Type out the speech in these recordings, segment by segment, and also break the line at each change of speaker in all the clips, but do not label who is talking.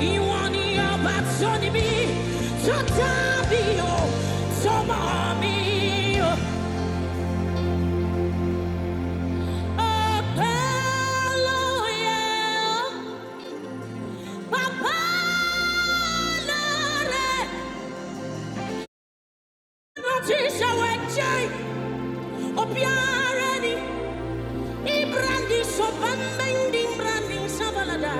ìwọ ni ọba tó ní mi tó dábì o tó mọ̀ mi o. ọpẹ́ ti ṣàwọ̀ ẹ̀jẹ̀ òbí ààrẹ ni ibrahim sọ̀bà mẹ́ndì ibrahim sábàlàdà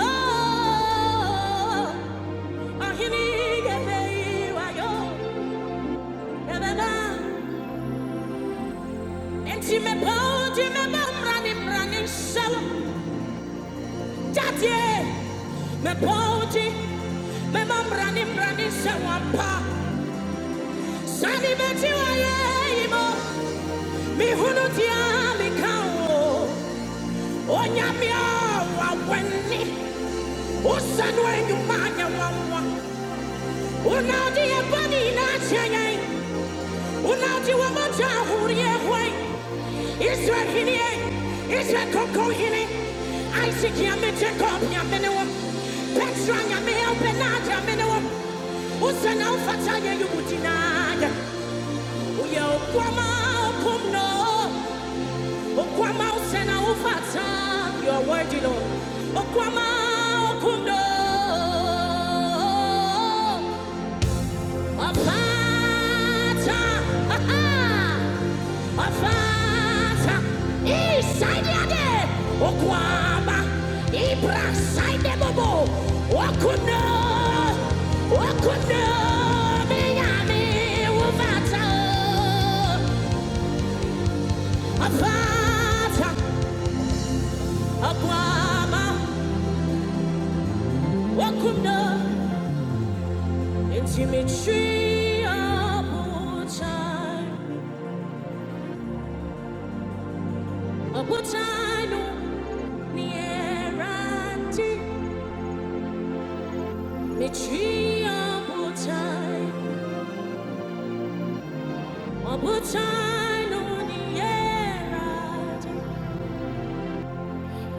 Oh, ahini gẹ̀bẹ̀ ìwà yóò bẹ̀bẹ̀ náà. Enti me poti me ba mrani mrani shala jatie me poti me ba mrani mrani pa sani me tiwa imo mi hunu tia mi kao onya mi weni usan weni manya wawa una di e bani na chenye Unaji wa moja hurie hwai hini e koko hini Isaac yame Jacob yame wo Petra yame el Benad yame wo Usa na ufata ye Uye ukwama okumno Ukwama usena ufata You are worthy Lord Ukwama okumno a Vater, aha! A Vater, i sajade, o kwama, i brasaide bobo, o kuno, o kuno, mingame, o vata, a Vater, a kwama, o kuno, intimichi abutai, abutai no, Mechie obutai, obutai no nieradi.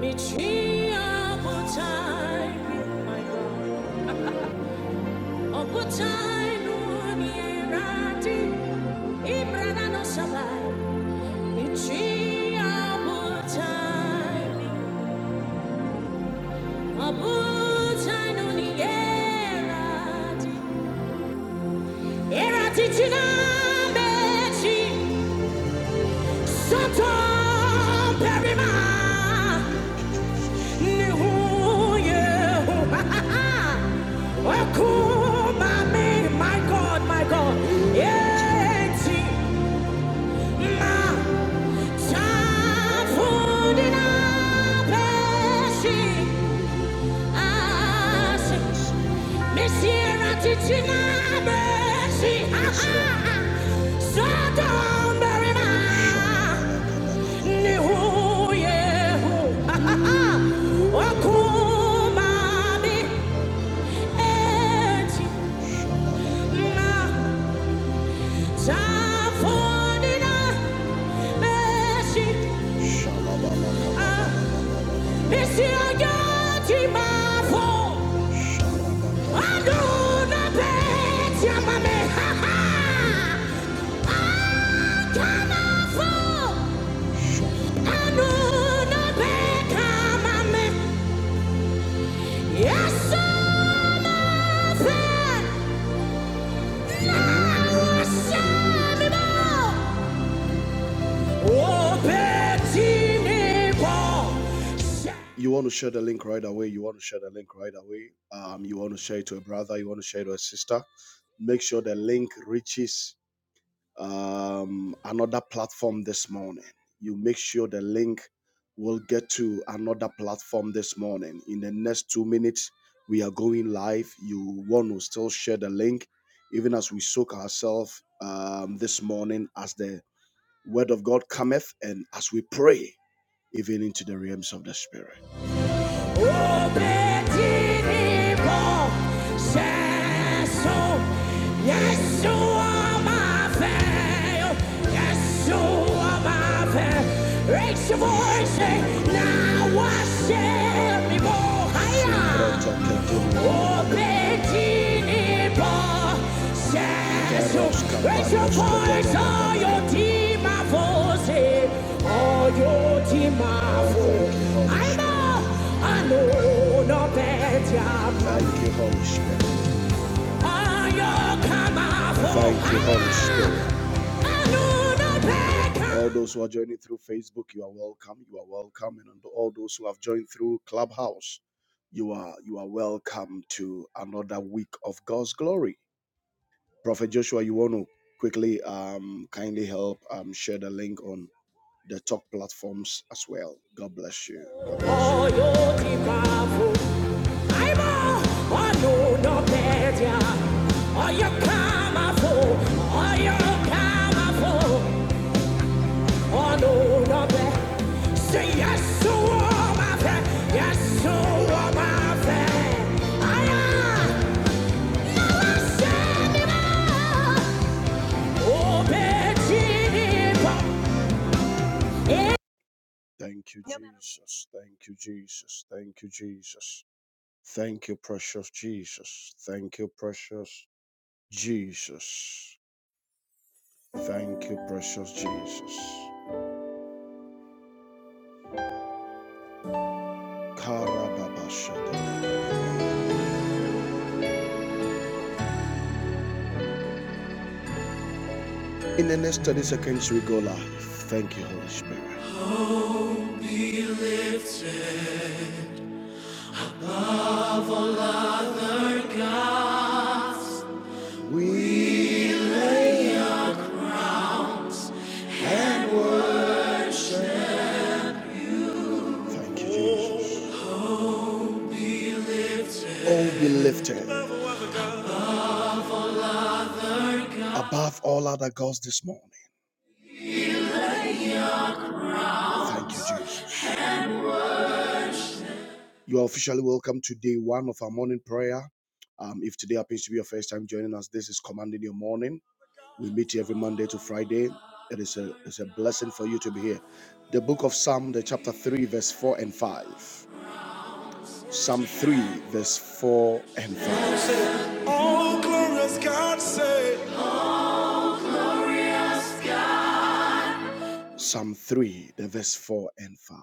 Mechie obutai, my God. Obutai no nieradi. Ibrana no sabai. Mechie obutai, obutai no nieradi. Eradi tina mechi. Satan perima ne huye Akuma me, my God, my God. Yeti ma chafudina peshi asi. Messiera tichina beshi. Satan perima. Ni huye hu. Wakumabi Na tafonina beshi. Ah, isi ayati You want to share the link right away. You want to share the link right away. Um, you want to share it to a brother. You want to share it to a sister. Make sure the link reaches um, another platform this morning. You make sure the link will get to another platform this morning. In the next two minutes, we are going live. You want to still share the link, even as we soak ourselves um, this morning as the word of God cometh and as we pray, even into the realms of the spirit au petit dépôt. Jésus, Yeshua ma veille, Yeshua ma veille. Raise your voice and now worship me more higher. Au petit dépôt, Jésus, raise your voice, oh, you dear my voice. Oh, you're Timavo. I know, I know, no better. Thank you, Holy Spirit. Oh, you're Kamavo. Thank you, Holy Spirit. I know, no better. All those who are joining through Facebook, you are welcome. You are welcome, and all those who have joined through Clubhouse, you are you are welcome to another week of God's glory. Prophet Joshua, you want to quickly um, kindly help um, share the link on the talk platforms as well. God bless you. God bless you. Say yes, so my friend. Yes, so my friend. I am. Thank you, Jesus. Thank you, Jesus. Thank you, Jesus. Thank you, precious Jesus. Thank you, precious Jesus. Thank you, precious Jesus. In the next 30 seconds, we go live. Thank you, Holy Spirit. We thank you, Jesus. Oh, be lifted above all other gods this morning. Thank you, Jesus. You are officially welcome to day one of our morning prayer. Um, if today happens to be your first time joining us, this is Commanding Your Morning. We meet here every Monday to Friday. It is a, it's a blessing for you to be here. The book of Psalm, the chapter 3, verse 4 and 5. Psalm 3, verse 4 and 5. All glorious God say. Psalm 3, the verse 4 and 5.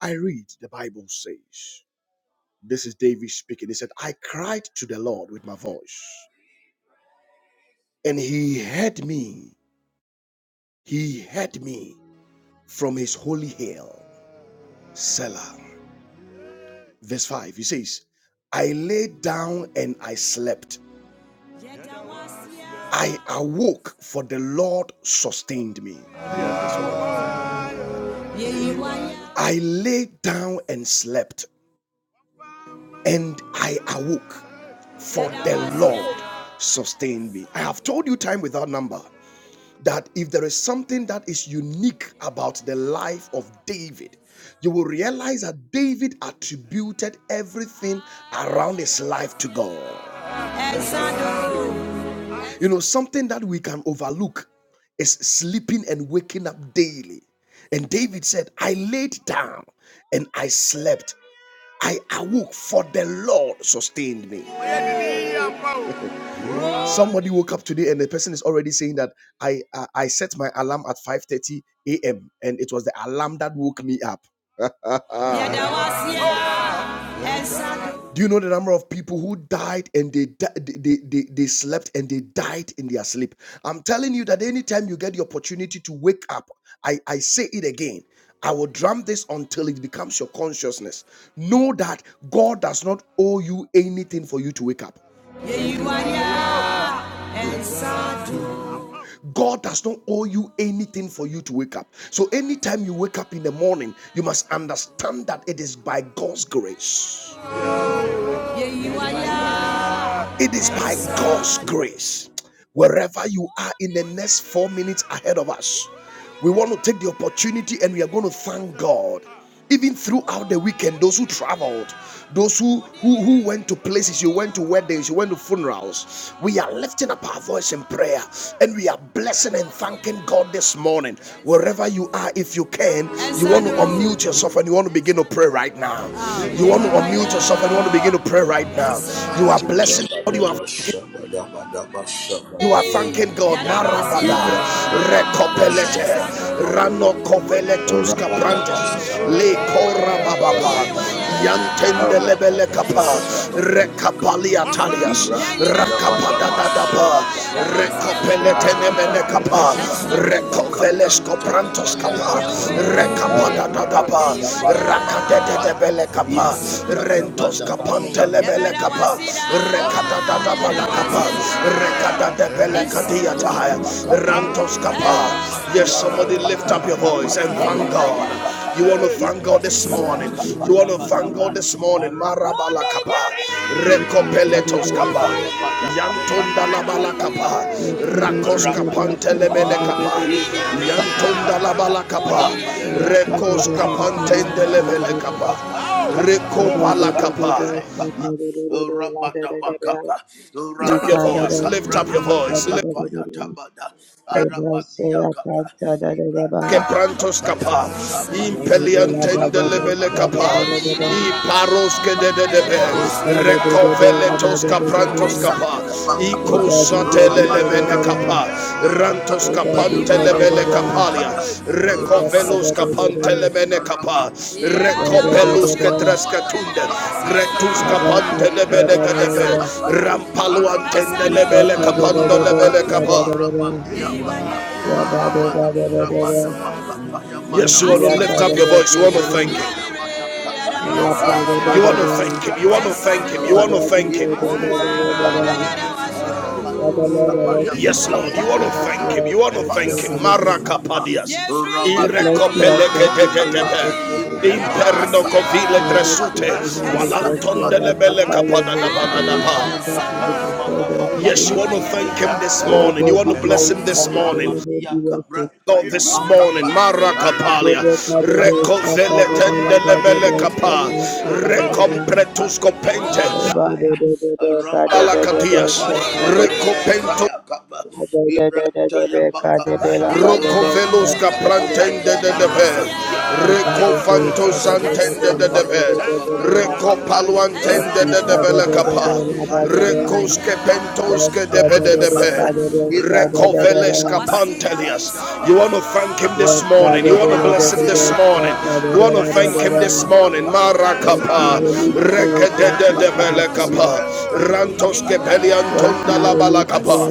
I read, the Bible says, this is David speaking. He said, I cried to the Lord with my voice. and he had me, he had me from his holy hill, Selah. Verse 5, he says, I lay down and I slept. I awoke, for the Lord sustained me. I lay down and slept, and I awoke, for the Lord sustained me. I have told you time without number that if there is something that is unique about the life of David, you will realize that David attributed everything around his life to God. You know, something that we can overlook is sleeping and waking up daily. And David said, I laid down and I slept. I awoke, for the Lord sustained me. Somebody woke up today and the person is already saying that I I, I set my alarm at 5:30 a.m. and it was the alarm that woke me up. Do you know the number of people who died and they, they, they, they slept and they died in their sleep? I'm telling you that anytime you get the opportunity to wake up, I, I say it again. I will drum this until it becomes your consciousness. Know that God does not owe you anything for you to wake up. God does not owe you anything for you to wake up. So anytime you wake up in the morning, you must understand that it is by God's grace. It is by God's grace. Wherever you are in the next four minutes ahead of us, we want to take the opportunity and we are going to thank God. Even throughout the weekend, those who traveled, those who, who who went to places, you went to weddings, you went to funerals. We are lifting up our voice in prayer and we are blessing and thanking God this morning. Wherever you are, if you can, you want to unmute yourself and you want to begin to pray right now. You want to unmute yourself and you want to begin to pray right now. You are blessing you are
Ibrahim
you are thanking God. Marabada, recopelete, rano coveletus caprantes, le corababa, yantende lebele kapa, recapalia talias, racapada dadaba, recopelete nemene capa,
Thank
recoveles coprantos capa, recapada dadaba, racadete de bele capa,
Ibra ta ya ba
rentos
da ba
capante
sha ba da
lebele
ba ka
kapa,
ba.
capa,
Ara
Rakada
ba
da
da ba sha
balakapa, rekada de
Ibra
belekadia
ta ya ba
tire,
ka ba
rantos kapa. Yes, somebody lift up your voice and thank God. You want to thank
Ibra
God this
ta ya
morning.
ka ba
You want to thank God this morning. Marabala kapa,
Ibra ta ya
rekopeletos
ka
kapa. Yantunda la bala kapa, rakos kapantelemene
Rabadabakapa,
kapa.
Ibrantaya
Yantunda la
Kapaya,
bala balakapa,
Abadia
rekos
Kapaya,
kapantendelebele
Ibrantaya
kapa.
Kapaya, Tabadaba
Rekopala
Sabadaba
kapa
Kapa, Rabadaba Kapa,
up your
Rabadia
voice, lift up your
Kabrantaya
voice, lift
Kapaya, Tabada, Arabadia Kapa,
you.
que
Ibrantaya
prantos
Kapaya,
capa,
Yeah,
Abadimana
impeliantende lebele
Sabadaba
capa,
Kapa,
i paros
Rabadaba
que de de
Kapa,
de be,
Ibrantaya
recovele
Kapaya, Madaba
capa,
Sabadaba
i
Kapa,
cosatele lemene
Rabadia Kappa,
capa, rantos
Rabamana
capante lemene
Shabada
capalia,
Makapa,
recovelos
Rabadia Kappa,
capante lemene capa,
Ramana Shabada
recopelus que
Makapa, Yamada
trescatunde,
Makapa,
rectus
Yatabada,
capante
Ibrahim
lebele cadebe,
Kappa, Rabano
rampaluantende lebele
Shabada
capando
Makapa,
lebele capa.
Rabadia Kappa, Ramana Shabada Makapa,
Yes,
Yamada
you want to lift
Makapa,
up your voice. You want to thank him.
Ibrahim Yamada Kappa,
You want
Rabano
to thank him. You want to
Shabada
thank him. You
Makapa,
want to thank him.
Ibrahim Kappa, Ramadu
Father, Lord, I
Samada
worship
Yes,
you, I
Lord. You
worship
want
you,
Makapaya
to
I
thank him. You want to
exalt you, I
Makapaya
thank him.
holy name. I
Makapa
Marakapadias.
Ramada
bless you, I
Masaya
thank you for your
Makapa
Irekopeleketetetebe.
faithfulness.
Ibrataya
Imperno
Kapaya
covile
I worship
dresute.
and
Adimada
I exalt
Saya
you, I
Walantonde lebele
magnify
Madakapa
your name today.
kapadadapadadapa.
I
Rabadia
thank you for
Kapaya
the Father
Yes,
today.
you
Madabakapa
want to thank him this
May
Ibrataya
your
morning. You
name
want
be
to
Makapa
bless him this
glorified, may
morning.
your name
Rabadia
be worshipped.
God
Kabrataya
this morning.
Makapa
I
Marakapalia.
give you
Ramada
Father,
Kapaya
the Son,
Tamada
Father, the Lord,
Makapa
Father, the
Recozelitendelebelekapa.
Son,
Ibrataya
Father, the
Kapaya
Lord.
Recompretusco
Adimada
pente.
Father, the Lord, Father,
Ramada
the Lord, Father, the Lord. Father, the Lord, Father, the
Balacatias.
Makapa Yamada
Lord,
Recopento
Masaya Kapa Ibrata Yamakapa Ramada
Rocovelusca
Father,
Kapaya
the
prantende
Lord.
de debe.
Aramadia
Thank you,
Kapa
Holy
Recofanto
Ibrata
Spirit.
santende de debe.
Yakapaya
Thank you,
Tamada
Abba
Makapa
Recopaluantende de
Ramada
debele
Kapaya
capa.
Ayakata
Recosque
Yamada
pentosque de bede
Masamada
debe.
Kapa Ibrata
Recovelesca
Father.
Yakapa
Pantelias. You
Ayamada
want to thank him this
Masamada
morning. You want to
Makapa
bless him this morning.
Ibrata
You want to
Yakapa
thank him
Yamada
this morning.
Makapa
Thank you,
Marakapa.
Ramada
Holy Spirit. Thank
Masamada
Rekedede de
Kapa
you,
Belekapa.
Ibrahita
Rantos
Yakapaya,
Kepeliantonda la
Ayakapani
balakapa.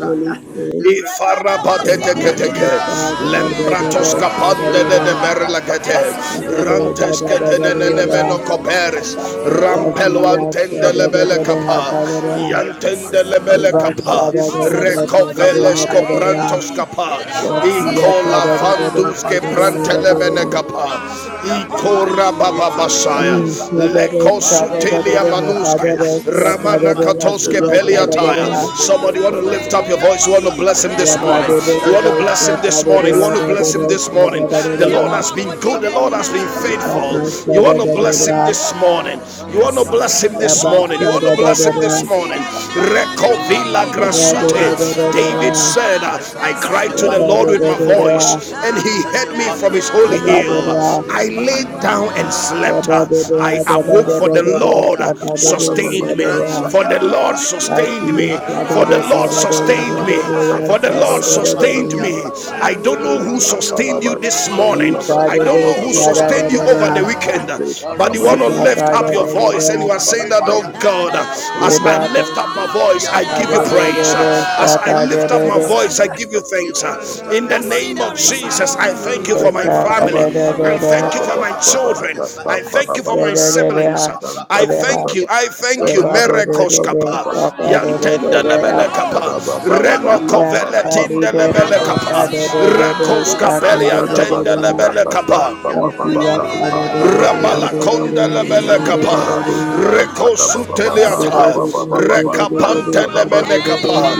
Holy Spirit.
Ibrahita
Thank
Makapa,
you, Abba
Ifarapateteketeke,
Adimanasaya,
Father.
Lempratoskapande de de
Ramana
Berlakete,
Kapaya, Madama Kapa, Ibrahita
Rantesketenenemenokoperes,
Yakapa,
Because
Ramado
Rampeluantende
Sabana
lebele
you
kapa,
Makapa,
have
Yantende
Ramana
lebele
Kapa,
Yes,
kapa,
Ibrahita Yakapaya,
Recovelesco prantos kapa,
Ramana Makapaya,
Icola
Madama
vanduske
Sabana Makapa,
prantelemene kapa,
Ramana Yakapa,
Icora
Ibrahita
bababasaya,
Yakapa,
lekos Sutelia
Rabadia
Manuske,
Kapaya,
Ramana
rabadu,
Katoske
Thank
Shabada
Peliataya.
Bakapa,
Somebody want to lift up your
Arabada
voice, you want to
Bakapa,
bless him this morning. You
Ibrata
want to bless
Yakapa,
him this morning, you want to bless him
Arabada
this morning.
Bakapa,
The Lord has
Yabada
been good, the Lord
Shabada
has been
Bakapa,
faithful. You want to
Ibrata
bless him this
Yamakapa,
morning, you want to
Arabada
bless him this
Bakapa,
morning, you want to bless him this morning.
Arabadia Kapa,
Rekovila
rabadia
Grasute.
Kabranta
David
Yabada
said,
Kapa,
I cried to the Lord
Arabadia
with my
Kapa,
voice voice and he
Ibrata
heard me from
Yamada
his holy hill.
Basamada
I
Bakapa,
laid down and slept.
Yeba
Arabadia
I
Kapa,
awoke for the Lord
Aromania kapa,
sustained me.
Ibranta
For the Lord
yakapa yate,
sustained me. For the
Aramano
Lord
sabada
sustained me.
makapa,
For the Lord sustained
Aramania
me.
kapa,
I don't know who
Aramada
sustained you this
masabada
morning. I
makapa,
don't know who sustained you
Ibranta
over the
yakapa,
weekend. But you want to
Aramania
lift up
kapa
your voice
yamada
and you are saying that,
makapa
oh
yata
God,
mada
you.
as
mada,
I I lift up my voice,
Aramania
I give you
kapa,
praise. As
Aramana
I
kapa
lift up my
yata
voice, I
mada,
give you thanks.
Ibranta
In the name of
yamania kapa,
Jesus, I thank you for my
Aramanda
family.
kapa
I
yata
thank you for
mada
my
makapa
children. I
yamada.
thank you for my siblings. I
Arabadabakapa,
thank you. I thank you.
Ibrantayakapa,
Merekoskapa. Yantenda lebele
Iya,
Arabadiyabakayabadamasabadamakapa,
Renokovele
Sadi,
tinda
Debe,
lebele kapa.
Deka, Debe,
Arabadiyakapa,
Debe, Saka,
Rakoskapeli
Debe, Debe,
Arabadamakapa,
Thank
Ayakapa,
you.
Imanasaya,
Ramalakonda Lemelekapa,
Ibrantayakapa,
Paradox and Tadababa
Arabadakapa,
Rekosuteliata,
Karababa
Rekapante
Stan
Lemenekapa,
Thank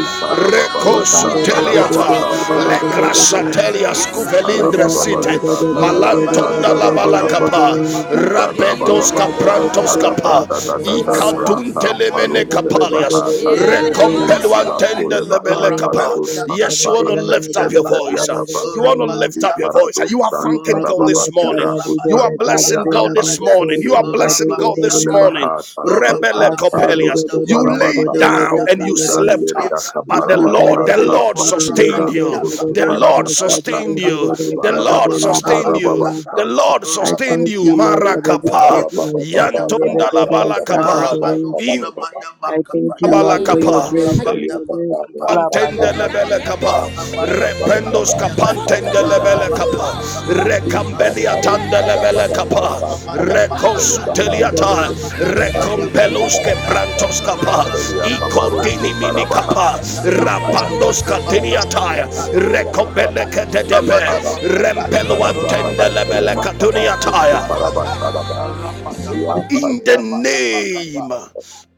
Rekosuteliata, Legrasatelia Scuvelindre
Ibrantayakapa,
City, Malantonda
Rabadiakataya
Labalakapa,
Madamakapa,
Rabedos
Roma Mia
Caprantos
Papa,
Capa,
Roma
Icadunte
Sabada Bakapa,
Lemenekapalias,
Ibrantaya Gapa,
Recompeluantende
Roma
Lemelekapa. Yes, you want to
Dakapaya
lift up
Mania
your
Papa,
voice. uh, You want to
Roma
lift up
Mia
your voice.
Papa,
You are thanking God
Roma
Ikasiya
this
Mia
morning.
tarari
You
Sabada
are
dere kare
blessing
dere
God
Bakapaya
this
dere
Mada,
morning. You
dosa
are
dere
blessing
Roma
God
dere
this
Mia
dere.
morning.
kapa,
Rebele
Ikasa dere
Rababiyakapa,
Copelius.
dere
You
Rababasabadabakapa,
lay
dere
you.
dere
down
dere
and you
kare
slept, uh,
Zanderia
but the
Ipaka
Ibrantayakapa,
Lord,
Kaparabasa
the
dere
Lord
sa
Rabandakapayamaniyakapa, Rababiyakapa, Rababiyasabadabakapayamada, Rababiyakapa,
dere
Rabanasabadabakapayamadakapa,
sustained
Tarapatira
dere
you.
Ibrantayakapa,
kare
Surusu
The
Rababiyakapa,
dere
Lord
labasa
Parataka
sustained
dere dere
you.
Ayakapa.
dere
The
kare
Lord
dere
Madama
Ibarabasa
sustained
Sabada
you. The
Kata,
Karababasa
Lord
I
sustained
thank
you.
Ramamia
you, Lord, for
Kata,
the gifts of
Marakapa.
life.
Ibrataya
Akare dere
kapaya.
dere shaka
Yantondalabalakapa.
Rabado
dere.
In
sabada
I thank
Mm.
makapaya
you,
ba.
Lord, for your grace, for
Rabada
your grace.
makapa.
Laba dere shaka
Antendelebele
Rabada
dere.
kapa,
masabada
rependos
makapaya ba.
kapantendelebele
Ikare
Rabada
dere
kapa,
shaka
makapa.
dere
Aya
recambelia
kapaya
tandelebele
mada
dere
kapa,
dere.
masabada makapa.
Yadebe
recosuteliata,
Rabada saya meda
recompelus
kapa.
quebrantos kapa,
Rabada kapa.
icodini mini
Thank you.
kapa,
Ibrataya kapaya
rapandos
mada makapaya
catiniata,
ta.
recombele
Rabada
ketebe,
Sabada Bakapa, Rabadia
rempeluantendelebele
Kapa, Bada
catuniata.
Bakapa, Rabada
Thank
In
Bakapa,
the
Dabada Bakapa.
name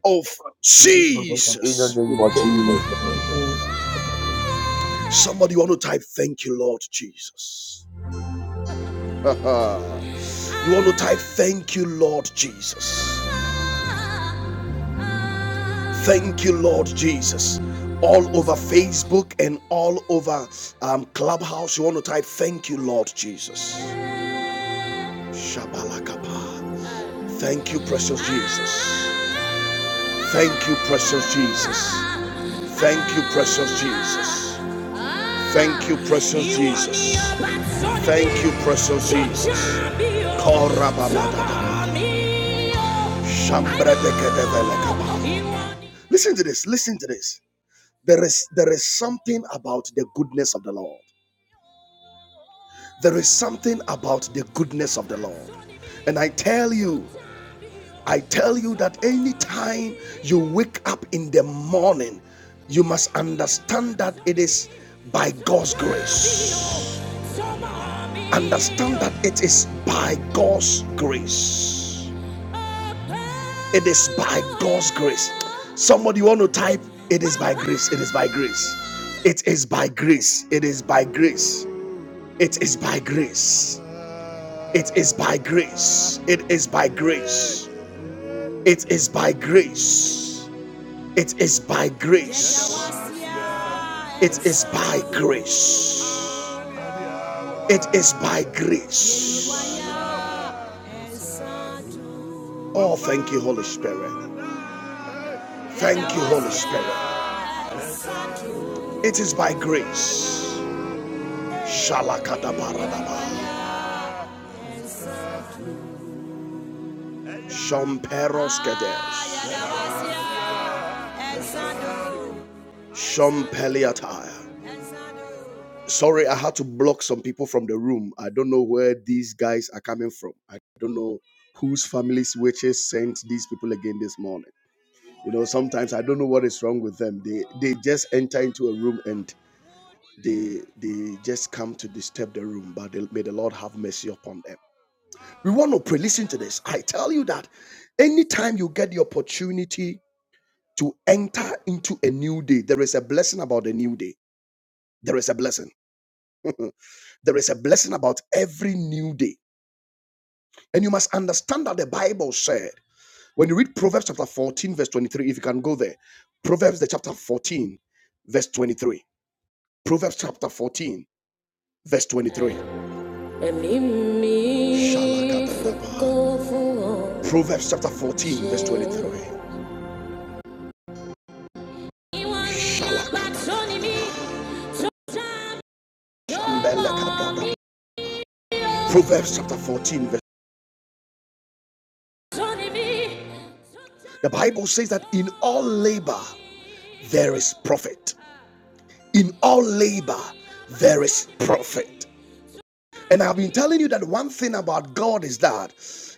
of
In the
Jesus.
name of Jesus.
you.
Somebody want to type, Thank you, Lord Jesus. You want to type, Thank you, Lord Jesus. Thank you, Lord Jesus. All over Facebook and all over um, Clubhouse, you want to type, Thank you, Lord Jesus. Shabalakapa. Thank you, precious Jesus. Thank you, precious Jesus. Thank you, precious Jesus. Thank you, precious Jesus. Thank you, precious Jesus. Korababababa. Shambredekedevelekaba. Listen to this. Listen to this. There is there is something about the goodness of the Lord. There is something about the goodness of the Lord. And I tell you. I tell you that anytime you wake up in the morning, you must understand that it is by God's grace. Understand that it is by God's grace. It is by God's grace. Somebody want to type, it is by grace, it is by grace. It is by grace, it is by grace. It is by grace. It is by grace. It is by grace. It is by grace. It is by grace. It is by grace. It is by grace. Oh, thank you, Holy Spirit. Thank you, Holy Spirit. It is by grace. Shalakadabaradaba. Shomperos kedes. Shompeliatire. Sorry, I had to block some people from the room. I don't know where these guys are coming from. I don't know whose families witches sent these people again this morning. You know, sometimes I don't know what is wrong with them. They they just enter into a room and they they just come to disturb the room. But they, may the Lord have mercy upon them. We want to pray. Listen to this. I tell you that anytime you get the opportunity to enter into a new day, there is a blessing about the new day. There is a blessing. there is a blessing about every new day. And you must understand that the Bible said, when you read Proverbs chapter 14, verse 23, if you can go there, Proverbs the chapter 14, verse 23. Proverbs chapter 14, verse 23. Shalakadadaba. Proverbs chapter 14, verse 23. Proverbs chapter 14, verse The Bible says that in all labor there is profit. In all labor there is profit. And I've been telling you that one thing about God is that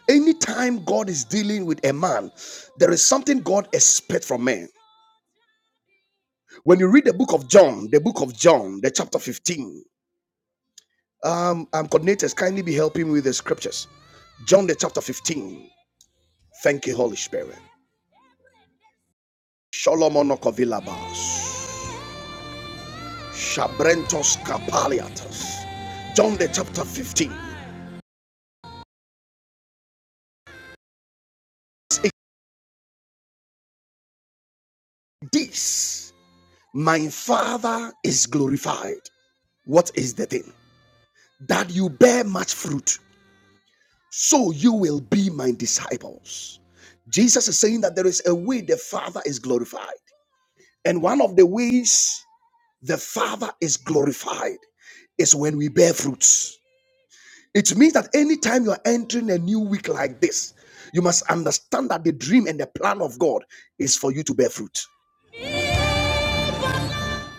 anytime God is dealing with a man, there is something God expects from man. When you read the book of John, the book of John, the chapter 15, um, um coordinators kindly be helping me with the scriptures. John the chapter 15. Thank you, Holy Spirit. Shalom onokovilabas. Shabrentos Kapaliatos. John the chapter 15. This, my Father is glorified. What is the thing? That you bear much fruit, so you will be my disciples. Jesus is saying that there is a way the Father is glorified. And one of the ways the Father is glorified is when we bear fruits. It means that anytime you are entering a new week like this, you must understand that the dream and the plan of God is for you to bear fruit.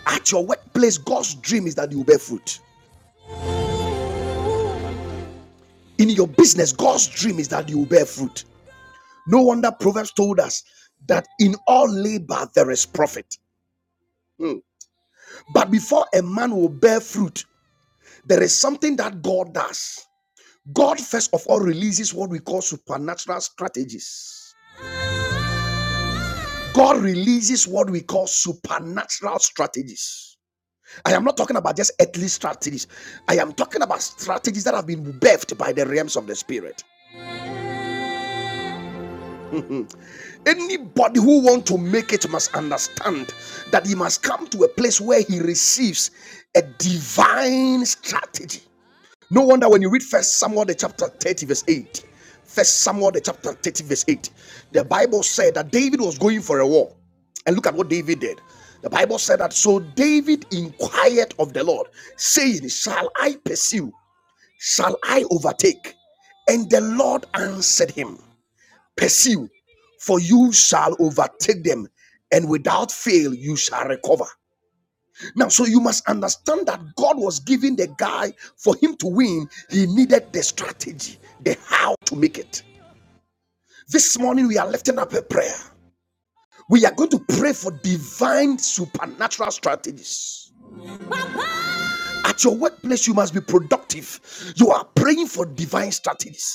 At your workplace, God's dream is that you bear fruit. In your business, God's dream is that you bear fruit. No wonder Proverbs told us that in all labor there is profit. Hmm. But before a man will bear fruit, there is something that God does. God, first of all, releases what we call supernatural strategies. God releases what we call supernatural strategies. I am not talking about just earthly strategies. I am talking about strategies that have been birthed by the realms of the spirit. Anybody who wants to make it must understand that he must come to a place where he receives a divine strategy. No wonder when you read First Samuel the chapter 30, verse 8, First Samuel the chapter 30, verse 8. The Bible said that David was going for a war. And look at what David did. The Bible said that so David inquired of the Lord, saying, Shall I pursue? Shall I overtake? And the Lord answered him, Pursue, for you shall overtake them, and without fail you shall recover. Now, so you must understand that God was giving the guy for him to win, he needed the strategy, the how to make it. This morning, we are lifting up a prayer. We are going to pray for divine supernatural strategies. At your workplace, you must be productive. You are praying for divine strategies.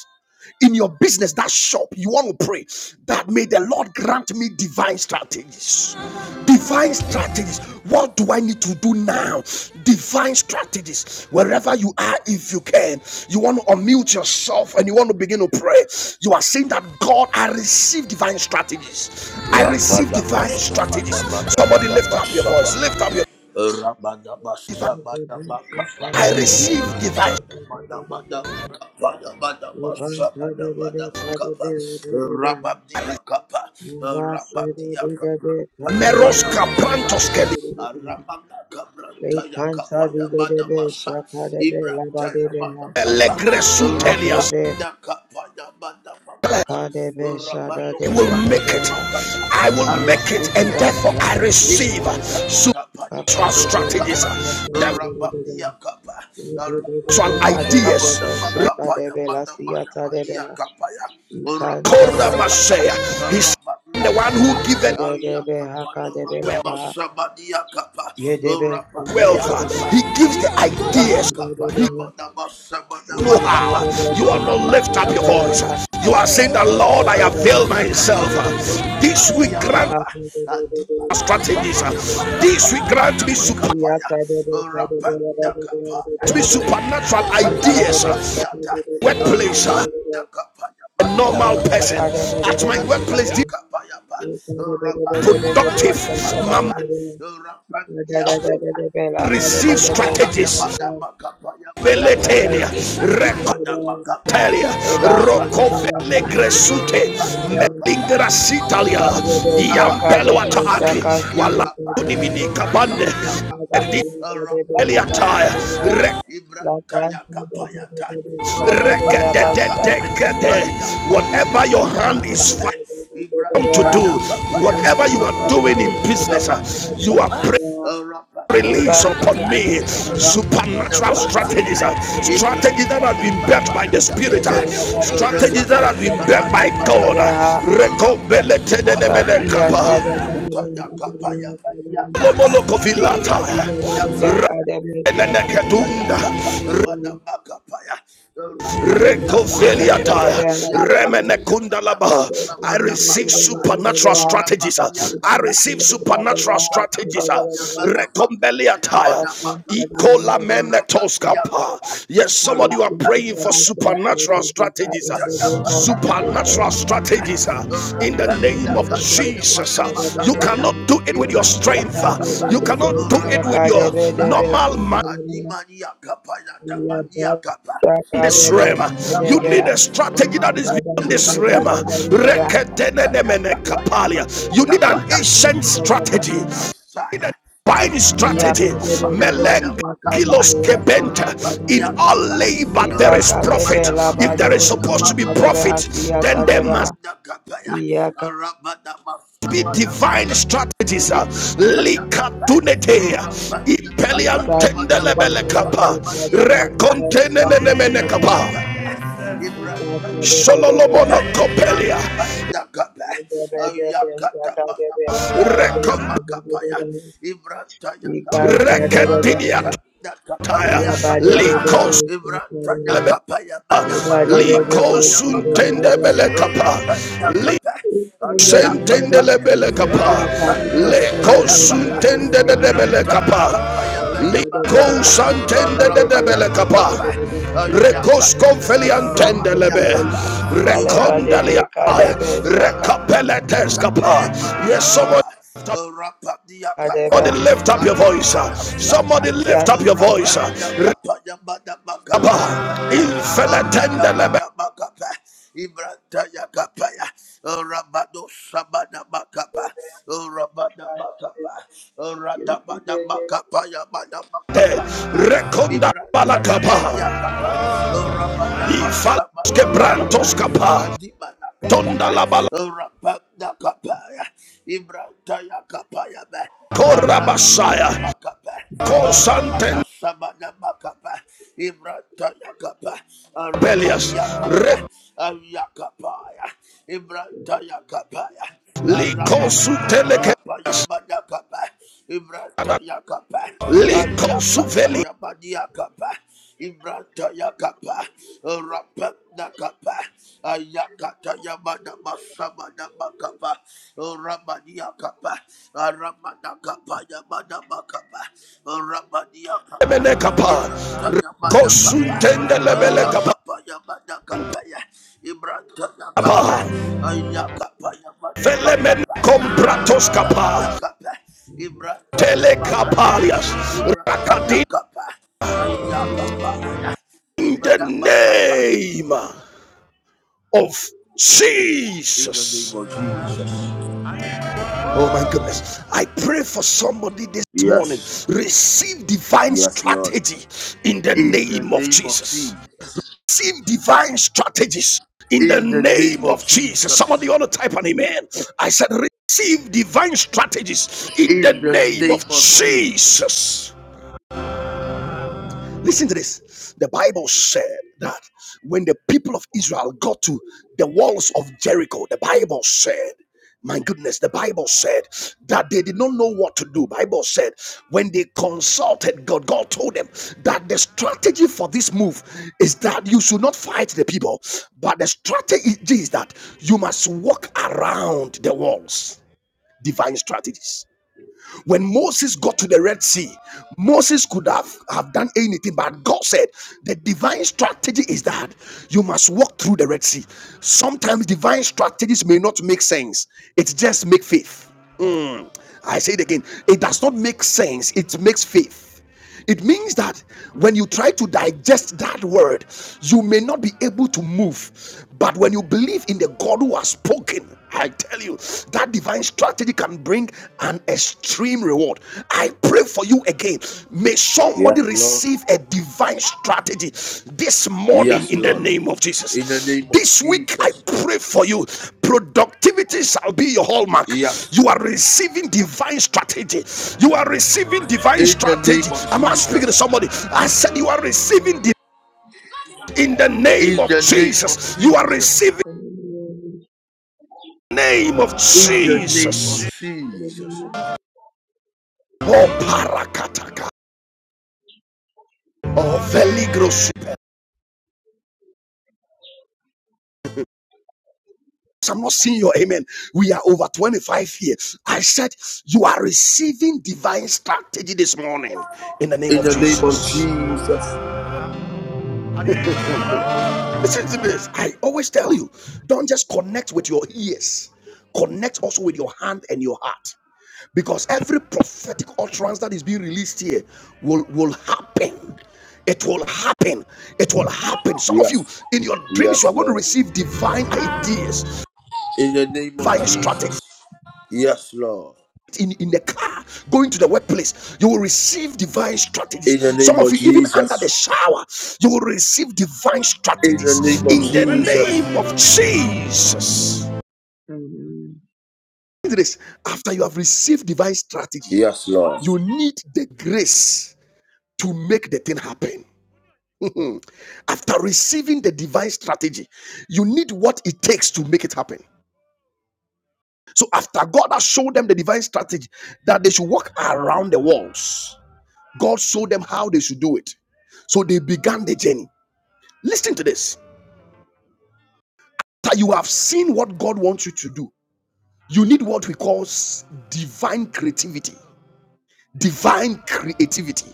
in your business, that shop, you want to pray that may the Lord grant me divine strategies. Divine strategies. What do I need to do now? Divine strategies. Wherever you are, if you can, you want to unmute yourself and you want to begin to pray. You are saying that God, I receive divine strategies. I receive divine strategies. Somebody lift up your voice. Lift
Rapadabasabadabadabasabadaba.
up your divine.
Rabadabasabadabakaba.
I receive divine.
Ibrantadabadabadabakabadabadabasabadabadabakaba.
I receive.
Rababdiyakapa. Rababdiyakapa.
Meros
Tadabadabasaya. Arababdakabrantayakapa. Yabadabasa. Ibrantayabadakapa.
Elegresu Telias.
Rabadabasa.
Kadebe Shada
Rabado
I
de
will make
Sabada
it.
Debeha
Makapa,
I
I
will make it,
receive
and
arabia
divine
therefore
Nakapa,
I
strategy, O
receive
Ibrahim
Lord.
Taya
supernatural
Kapaya Mada
Akadebe
strategies,
sakantebelebelebe.
supernatural ideas.
Ibebebebebebebe shakadebela siyatadebela. Ikantadadedebe
Rekoramasea. He's the one who given
hakadebelaba. Yedebe
wealth.
sindebelebeleba.
He gives the ideas. He
Ibebebebebebebe.
Masabada
know how.
Ibebebebebe
You are not
Makapa,
lift up
Rabadia
your voice.
Kapaya.
sakantebelebeleba.
You are saying,
Adima
"The Lord, I
Ibebebebebe
Saya
avail
Bada
sakantebelebeleba.
myself.
Kapa.
Ibebebebebe
This we
Rabadia
grant
Kapa. Adima
strategies.
Sabada
sakantebelebeleba.
This we
Makapaya.
grant me
Bada
Thank
super."
Makapaya. Rabada Kapaya.
me supernatural
Ibranta
ideas.
Yakapadiata.
Workplace.
Rabada Kapaya.
a
Badia
normal
Kapaya.
person at my
Ibranta
workplace this is
Yakapaya. Rabadu
productive
Sabada
my mind
Makapa. Rabadia Kapa.
receives
Adima Saya ya
strategies
Makapaya.
veleteria
Ipadabakapa,
recoteria rokovele
Rabadiakapa,
gresute
you.
Rabadiakapa,
melingrasitalia
Thank
Ayamaka, Sabadabakapa,
iambeluataaki
Yamadiakapa,
walauniminikabande
Rabadiakapa,
editeliataya
Rabadasaya,
re-
Ibratayakapayata, Rabadiakapa,
rekedededekede
Ayakapa,
whatever your hand is
Yamadabakapa,
found to do
Ibratayakapaya,
whatever you are doing in
Rabadu
business uh, you are
Sabadabakapa,
praying release upon
Rabadimanakapa,
me supernatural
Rabadakapa,
strategies, uh,
Ibra
strategies that have
paya
been built by
kapaya
the Spirit, uh,
tabada.
strategies that
Rabado
have been built
sabada
by God. uh,
bakapa.
you.
Rabada kapa.
Sakiya Tada
Ibra paya kapaya baya kapa. Rabada kapa.
Academy
Ibra
Department
paya kapaya bada bakapaya. Rabada Kapa.
Recovelia tire. Remene kundalaba. I receive supernatural strategies. uh. I receive supernatural strategies. uh. Recombelia tire. Ikola mene toskapa. Yes,
we
somebody you are
seek to
praying for
provide care to the
supernatural
people
strategies. uh.
in the name of Jesus Christ,
Supernatural strategies uh. in
We
the
thank
name
God for
of
the Lord, for
Jesus. uh.
the
You cannot
Lord,
do it with your
Ya
strength.
ba
uh.
de de
You
de de,
cannot do
ya
it
ka
with
de
your
be de be, si
normal mind.
de, de de. ya be, ya ka de
this
be
realm.
de
You
be,
Ibrahim
need a strategy that is
ya ba
Rapanda
beyond
de
this
de, de de
kapa.
realm.
de de de ba,
Ibrahim
Reketenemene kapalia. You need an ancient strategy, divine
ya de de de. de de ya de
strategy.
de, de de de, ya ba de de. de de,
Meleng
ya ka de be,
kilos
ya si de,
kebenta.
ka de be,
In all labor
ipa
there is
ka de, be,
profit.
la ba
If
de
there is
be, si
supposed to be
ka de be, ha
profit,
si ya ta
then there
de ba,
must
iya ka,
be divine strategies. uh, Likatunete. Ipelian
ika de de,
tendelebele
de de de
kapa.
ka de, be de be, ya de de
Rekontenenemene
de. de
kapa.
ipa ka de be de ka ka ka ka ka ka ka ka ka si si si Ipa ba. ika Ikan
Sololomono kopelia.
Arapandagaba, Ayakatamadama,
Recom-
Samadamakapaya, Ibrantayakaba,
Recatinia tire.
Arapandakapadiakataya,
Likos
Ibrantayakapaya, Madamakapaya,
Likos
Madamakaba,
untende belekapa.
Arapandakaba,
Lisentende
Ayakapaya,
lebelekapa. Lekos
Arapandasayakaba,
untende de
Yant
debelekapa.
Ibrantayakapaya, Madamakaba,
Likos antende de debelekapa.
Arapanamakaba,
Recos
Ayakadimena
confeliantende lebe.
Samadiyakaba, Ibra
Recondalia.
Tayakapa, Arapa
Recapeletes
Yakapa,
capa. Yes,
Yamadiakapa,
someone.
Rapadia Kapaya,
Somebody lift up your voice.
Adima
uh,
Nasaya,
Somebody lift up your voice. uh,
Rapenda Kapaya, Madama
Rabba,
Kapaya, Made, Rana
infinitende lebete,
Madama Kapa, Ibrantaya Kapaya, Oh, Rabado Sabana Makapa, Rabana Makapa, Rana Madama Kapaya, Madama Kapaya,
reconda
Ibrantaya Madia
balakaba,
Kapa, Rabana
ifalos
Masamana Makapa,
quebrantos capa,
Adima
tonda
Nakapaya,
la
Rapanda Ibrantaya Kapayaba,
balacora basaya,
Aradamada Makapa, Aramada
cosanten
Samada Makapa, Ibrantaya Kapa,
pelias,
Aramadia Kapa,
re,
Ayakapaya, Ibrantaya Kapaya.
lico su
Arabadi Manakapa
telequeas,
Yamanakapa, ya Yakapa,
lico su
Ayakata
veli
Yamaniakapa, Ibranta kapa. Rapendakapa, Ayakata Yamada Masamada Makapa, Ramadia Kapa, Ramada Kapa Yamada Makapa, Ramadia Kapa,
mene capa,
Ibrata Yamada Kapa,
recosuntende lebele capa,
Ayakapa Yamada Kapa, Ibrata Yakapa, Ayakapa Yamada
velemene
Makapa,
compratos capa,
Rapenda Kapa, Ibrata Yamakapa,
Telekapalias.
Ibrata
Rakadi.
Yakapa, Ayakapa,
In the name of
in the name
Jesus.
of Jesus.
Oh my goodness. I pray for somebody this morning.
Yes.
Receive divine
Yes, Lord.
strategy in the
In the
name of
name of
Jesus.
Jesus.
Receive divine strategies in the
In the name
name
of
of Jesus. Somebody
Jesus.
ought to type an amen. I said, receive divine strategies in the
In the
name of
name of Jesus.
Jesus. Listen to this. The Bible said that when the people of Israel got to the walls of Jericho, the Bible said, my goodness, the Bible said that they did not know what to do. Bible said when they consulted God, God told them that the strategy for this move is that you should not fight the people, but the strategy is that you must walk around the walls. Divine strategies when Moses got to the Red Sea, Moses could have, have done anything, but God said the divine strategy is that you must walk through the Red Sea. Sometimes divine strategies may not make sense, it just make faith. I say it again. It does not make sense. It makes faith. It means that when you try to digest that word, you may not be able to move. But when you believe in the God who has spoken, I tell you, that divine strategy can bring an extreme reward. I pray for you again. May somebody
Yes, Lord.
receive a divine strategy this morning
Yes,
in the
Lord.
name of
In the
Jesus.
name of
This week, I
Jesus.
pray for you. Productivity shall be your hallmark.
Yes.
You are receiving divine strategy. You are receiving divine
In the
strategy.
name of
I'm not speaking to
Jesus.
somebody. I said, You are receiving di- in the name
In
of
the name of
Jesus. You are
Jesus.
receiving
With the power of the Holy Ghost, with the Holy Spirit, with the Holy Spirit, with the Holy
in the name of
In the name of
Jesus.
Jesus.
Oh, parakataka. Oh, veligros. I'm not seeing your amen. We are over 25 here. I said, You are receiving divine strategy this morning in the name
In
of
the name of
Jesus.
Jesus.
Listen to this. I always tell you, don't just connect with your ears, connect also with your hand and your heart. Because every prophetic utterance that is being released here will, will happen. It will happen. It will happen. Some of
Yes.
you, in your
Yes,
dreams, you are going to
Lord.
receive divine ideas,
In the name of
divine strategy.
Jesus. Yes, Lord.
in, in the car, going to the workplace, you will receive divine strategies.
In the
Some
name
of
of
you, even under
Jesus.
the shower, you will receive divine
In the
strategies
name of
in the
Jesus.
name of Jesus. This after you have received divine strategy,
Yes, Lord.
you need the grace to make the thing happen. after receiving the divine strategy, you need what it takes to make it happen. So after God has showed them the divine strategy that they should walk around the walls, God showed them how they should do it. So they began the journey. Listen to this that you have seen what God wants you to do. You need what we call divine creativity. Divine creativity.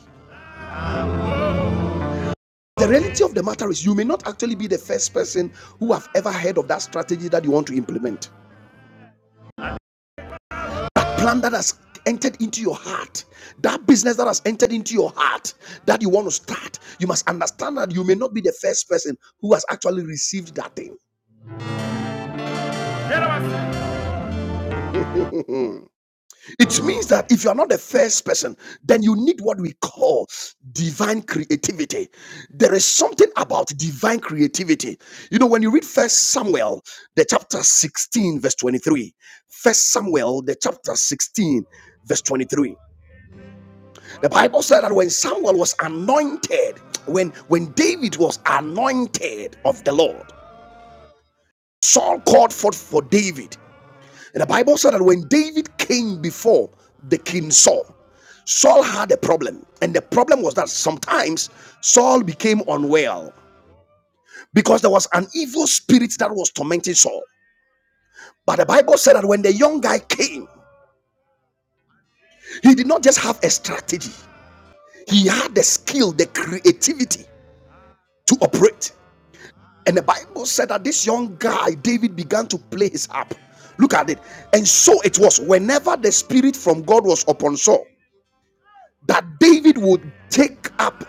The reality of the matter is, you may not actually be the first person who have ever heard of that strategy that you want to implement. Plan that has entered into your heart, that business that has entered into your heart that you want to start. You must understand that you may not be the first person who has actually received that thing. It means that if you are not the first person, then you need what we call divine creativity. There is something about divine creativity. You know, when you read First Samuel, the chapter 16, verse 23, First Samuel, the chapter 16, verse 23, the Bible said that when Samuel was anointed, when when David was anointed of the Lord, Saul called forth for David. And The Bible said that when David came before the king Saul, Saul had a problem. And the problem was that sometimes Saul became unwell because there was an evil spirit that was tormenting Saul. But the Bible said that when the young guy came, he did not just have a strategy, he had the skill, the creativity to operate. And the Bible said that this young guy, David, began to play his harp. Look at it. And so it was whenever the spirit from God was upon Saul. that David would take up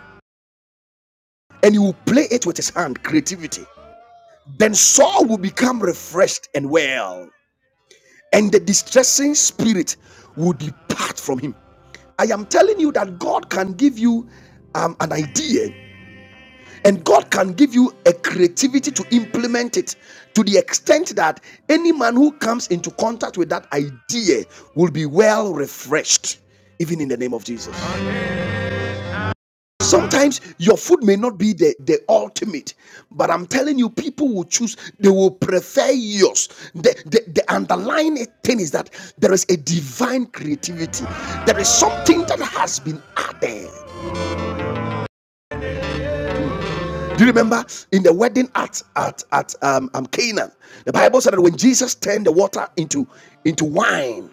and he would play it with his hand, creativity. Then Saul will become refreshed and well, and the distressing spirit will depart from him. I am telling you that God can give you um, an idea and God can give you a creativity to implement it to the extent that any man who comes into contact with that idea will be well refreshed, even in the name of Jesus. Sometimes your food may not be the, the ultimate, but I'm telling you, people will choose, they will prefer yours. The, the, the underlying thing is that there is a divine creativity, there is something that has been added. Do you remember in the wedding at at, at um, um, Canaan? The Bible said that when Jesus turned the water into, into wine,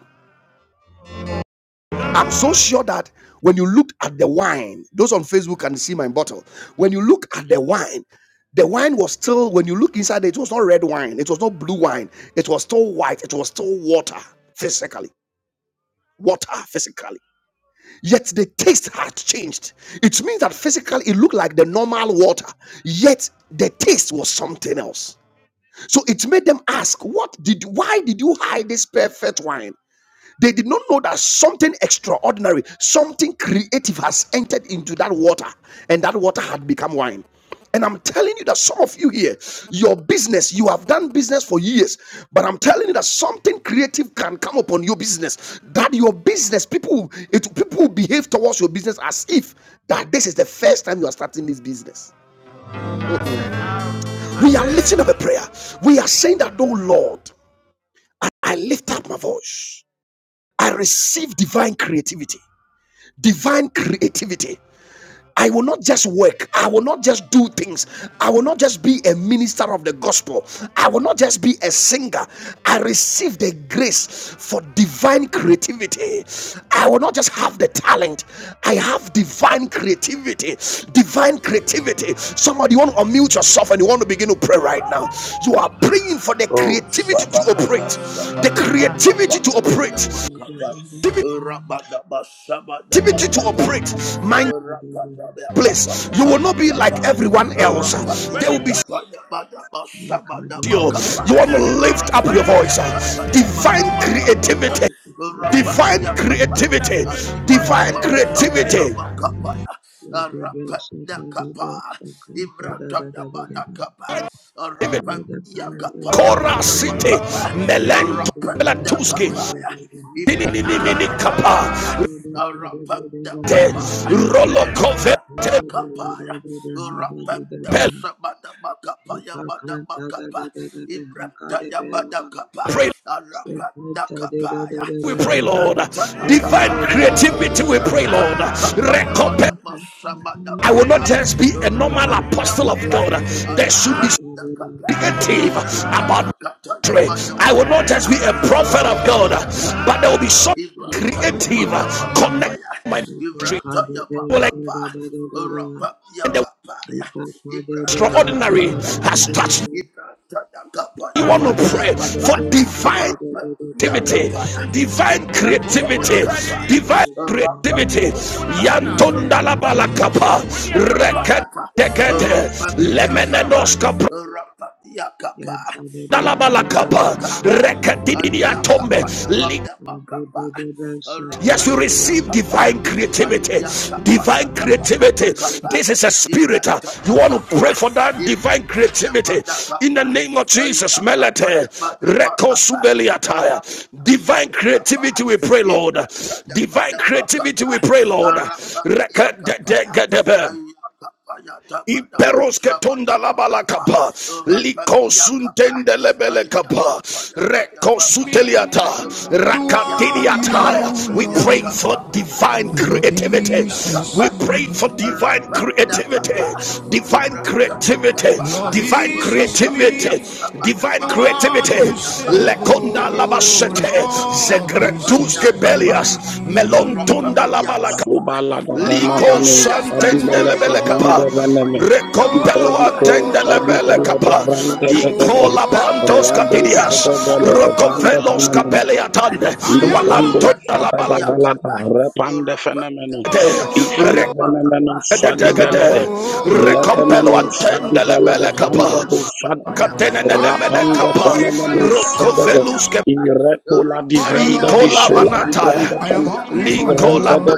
I'm so sure that when you look at the wine, those on Facebook can see my bottle. When you look at the wine, the wine was still, when you look inside, it was not red wine, it was not blue wine, it was still white, it was still water physically. Water physically, yet the taste had changed. It means that physically it looked like the normal water, yet the taste was something else. So it made them ask, "What did? Why did you hide this perfect wine?" They did not know that something extraordinary, something creative has entered into that water, and that water had become wine. And I'm telling you that some of you here, your business, you have done business for years, but I'm telling you that something creative can come upon your business. That your business, people, it people will behave towards your business as if that this is the first time you are starting this business. We are lifting up a prayer. We are saying that, oh Lord, I lift up my voice. I receive divine creativity. divine creativity. I will not just work. I will not just do things. I will not just be a minister of the gospel. I will not just be a singer. I receive the grace for divine creativity. I will not just have the talent. I have divine creativity. Divine creativity. Somebody, you want to unmute yourself and you want to begin to pray right now. You are praying for the
Oh,
creativity to operate.
sabadaba,
The
sabadaba,
creativity
kaba,
to operate.
yabadaba, kaba, rabadaba, sabadaba,
Creativity to
kaba,
operate. My
rabadaba, kaba,
place. You will
yabada,
not be
kaba,
like everyone else. They
rabadia,
will be
kaba, yabadaba, sabadaba,
you.
kaba,
You want to lift up your voice.
rabadia, kata,
Divine
yabadaba, kaba,
creativity.
rabadia,
Divine
kaba,
creativity. Divine
adimadaba,
creativity.
sabadaba, kaba, rabadia, kaba, ibrata, yabada, Arapandia kapaya
Kora City.
madabakapa.
Melento.
Arapanda
Melatuski.
kapaya.
Ninini
Ibrantaya kapaya.
Kapa.
Spirit, with the
Arapanda
Holy Spirit,
kapaya.
Rolo
Thank you.
Arapanda
Covete.
kapaya. Arapanda sabadabakapaya Kapa, Ibrantaya madakapa.
Pray.
Arapanda kapaya.
We pray, Lord.
Ibrantaya
Divine
kapaya.
creativity. We pray, Lord.
Ibrantaya kapaya
Recompense. I will not
madabasabadakapa.
just be a normal
Arapanda
apostle of
kapa.
God. There should be
Arapadakapa,
negative about ministry. I will not
Ibratadakatayabadamakapa,
just be a prophet of God, but
Arapadakapa,
there will be something creative connected
Ibratayabadamakapaya,
to my ministry. It Will
Ibratayabakapa,
extend the
Arapadakapaya,
extraordinary
Ibratayakapaya,
has touched you.
Ibratayakapaya,
want to pray
Madiyakapa,
for divine activity,
Arapadakapaya,
divine creativity,
Ibratayakapaya,
divine creativity.
Arapadakapa,
Yantonda la balakapa,
Arapadakapaya,
rekedekete,
Rapandiakapa,
lemenenoska.
Rapandiakapa, Ibranta
Dalabalakapa,
Yakapa,
rekedidia
Yabakadebe
Ayakapa
tombe,
Yamabda Makapa,
Yes, you receive
Rapandiakapa,
divine creativity.
Ayakapa
Divine
Yatamada
creativity.
Makapa,
This is a spirit. uh,
Ibranta
You want to
Yakapa,
pray for that divine
Ibranta
creativity
Yamada
in the
Kapa,
name of Jesus.
Ayakapa
Melete,
Yamada
Reko
Makapa,
Subeliataya.
Ramana
Divine
Sayakapa,
creativity, we pray, Lord.
Ibranta
Divine
Yamada
creativity,
Makapa,
we pray, Lord.
Rapandiakapa,
Iperos ketonda labala kapa, liko suntende lebele kapa, reko suteliata, We pray for
Ayakapa,
divine
Ibrata
creativity.
da
We
kapa,
pray for divine
rapa da
creativity,
papa,
divine
Ibrata da
creativity,
kapa,
divine
rapa ya
creativity,
sabada
divine
bakapa ya
creativity.
bakapa,
Lekonda
Ibrata
labasete,
da kapa,
zegretus
Allah
kebelias,
papa, rapa
melontonda
ya
labala
kapa, rapa
Liko
Subaladabanamano,
ya kata ya
Sadibalada
santendelebele
mada
Vranda
kapa.
bakapa ya
Veneme,
mada
Recompelo
bakapa,
Ibredico,
antendelebele
rapa
Sadibalada
da
kapa.
Vranda
sana,
Dedebe,
Icola
Ibrata
bantos
ya
Rado
mada
capidias.
kapa,
Sadabalada Vranda
rapa
Rocovelos
da
Fenemeno,
capele
kapa,
tande. Walanto
Libendo
Ibrata ya
la
mada
balade.
Um.
kapa.
Sadabalada, Repanda
Rapa
Fenemeno,
katanya mana
Ifela Venemeno,
makapa. Rapa
Sadibalade,
Recadegade.
dia kapa.
Recompelo
Ledemeno,
Rapa nama
Sadibalada
antendelebele
sama
Vranda
kapa.
do
nama
Sada,
kapa yang
Catenene
mania
mene
kapa.
Rapanda
kapa.
Fenemeno,
Ibrahim ya ya dia
Sadebe,
dia
Rocovelus
Ireto la di
Ibrahim
Vrenda di
Ikola
Sola di Vrenda
manataya. I am
Fenemeno,
hungry for Likola you.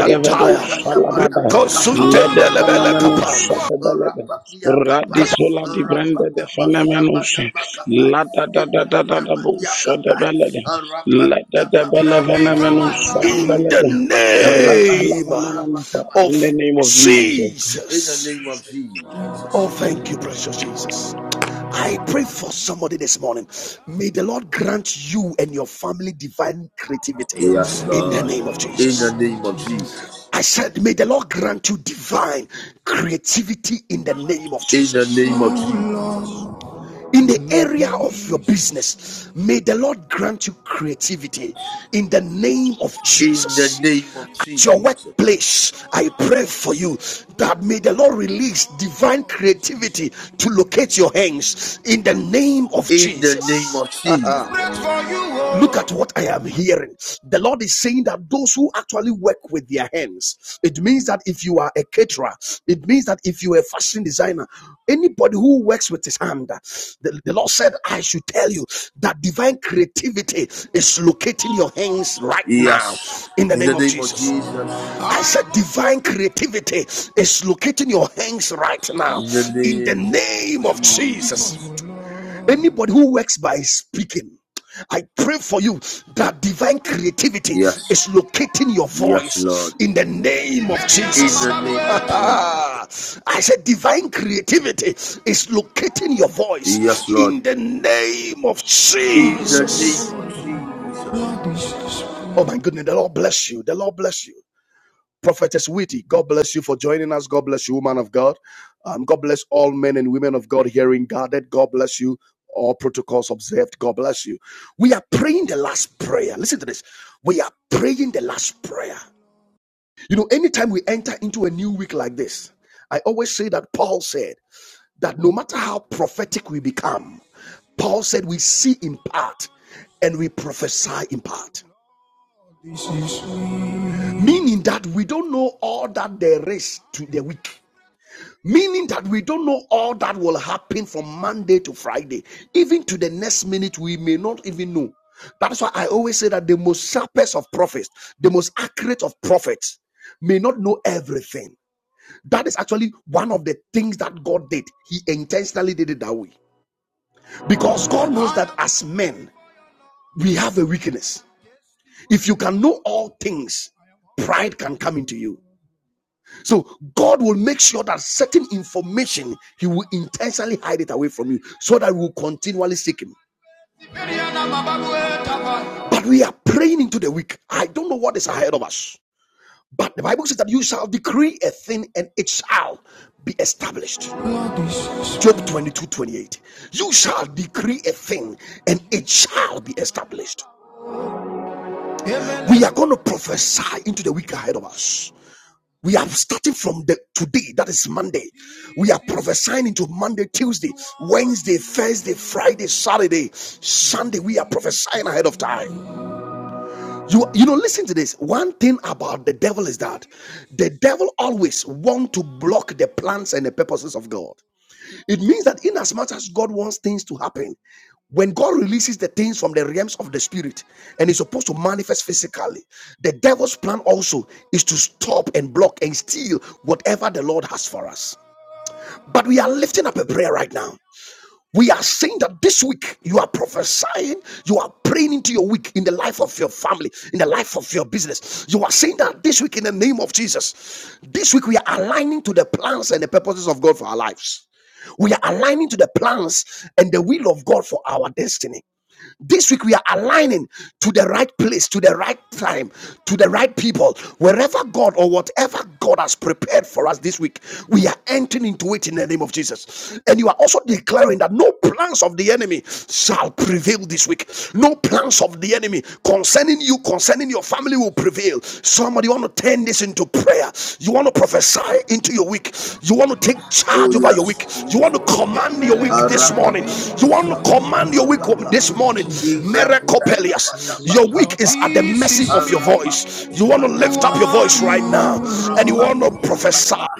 Ibrahim yang mana makapa yang mana makapa. Rapa dia kapa. Rapa nama sama nama kapa. Ibrahim yang mania kapa. Rapa dia kapa ya.
In the name
in the
of
name of Jesus.
In the
Jesus.
name of Jesus.
Oh, thank you, precious Jesus. I pray for somebody this morning. May the Lord grant you and your family divine creativity
Yes,
in the
Lord.
name of
In the
Jesus.
name of Jesus.
I said, May the Lord grant you divine creativity in the name of
In the
Jesus.
name of Jesus.
in the area of your business may the lord grant you creativity in the name of
In the
jesus
name of
at your
Jesus.
workplace i pray for you that may the lord release divine creativity to locate your hands in the name of
In the name
jesus
of Jesus.
Look at what I am hearing. The Lord is saying that those who actually work with their hands, it means that if you are a caterer, it means that if you are a fashion designer, anybody who works with his hand, the, the Lord said, I should tell you that divine creativity is locating your hands right now
Yes.
in the
In
name
the
of
name of
Jesus.
Jesus.
I said, divine creativity is locating your hands right now
In the
in the
name of
name of Jesus.
Jesus.
Anybody who works by speaking, I pray for you that divine creativity
Yes.
is locating your
Yes,
voice
Lord.
in the name of
In
Jesus.
the name of Jesus.
I said, divine creativity is locating your voice
Yes, Lord.
in the name of
In the name
Jesus.
of Jesus.
Oh my goodness, the Lord bless you. The Lord bless you. Prophetess Witty, God bless you for joining us. God bless you, woman of God. Um, God bless all men and women of God hearing guarded. God bless you. All protocols observed. God bless you. We are praying the last prayer. Listen to this. We are praying the last prayer. You know, anytime we enter into a new week like this, I always say that Paul said that no matter how prophetic we become, Paul said we see in part and we prophesy in part meaning that we don't know all that there is to the week. Meaning that we don't know all that will happen from Monday to Friday. Even to the next minute, we may not even know. That's why I always say that the most sharpest of prophets, the most accurate of prophets, may not know everything. That is actually one of the things that God did. He intentionally did it that way. Because God knows that as men, we have a weakness. If you can know all things, pride can come into you. So God will make sure that certain information He will intentionally hide it away from you so that we will continually seek Him. But we are praying into the week. I don't know what is ahead of us. But the Bible says that you shall decree a thing and it shall be established. Job 22 28. You shall decree a thing and it shall be established. Amen. We are going to prophesy into the week ahead of us. We are starting from the today, that is Monday. We are prophesying into Monday, Tuesday, Wednesday, Thursday, Friday, Saturday, Sunday. We are prophesying ahead of time. You you know, listen to this. One thing about the devil is that the devil always want to block the plans and the purposes of God. It means that in as much as God wants things to happen, when God releases the things from the realms of the spirit and is supposed to manifest physically, the devil's plan also is to stop and block and steal whatever the Lord has for us. But we are lifting up a prayer right now we are saying that this week you are prophesying, you are praying into your week in the life of your family, in the life of your business. You are saying that this week in the name of Jesus, this week we are aligning to the plans and the purposes of God for our lives. We are aligning to the plans and the will of God for our destiny. This week we are aligning to the right place, to the right time, to the right people. Wherever God or whatever God has prepared for us this week, we are entering into it in the name of Jesus. And you are also declaring that no plans of the enemy shall prevail this week. No plans of the enemy concerning you, concerning your family will prevail prevail. Somebody, you want to turn this into prayer. You want to prophesy into your week. You want to take
Oh,
charge over your week.
yes,
You want to
Jesus.
command your week this morning. You want to command your week
Aramadabasabadabakapa.
this morning. Meracopelias. Your week
Ibratayabadabakapa.
is at the mercy of your voice. You
Thank
want to
you.
lift up your
Aramadasayakapa.
voice right now and you want to prophesy.
Rapandiakapa.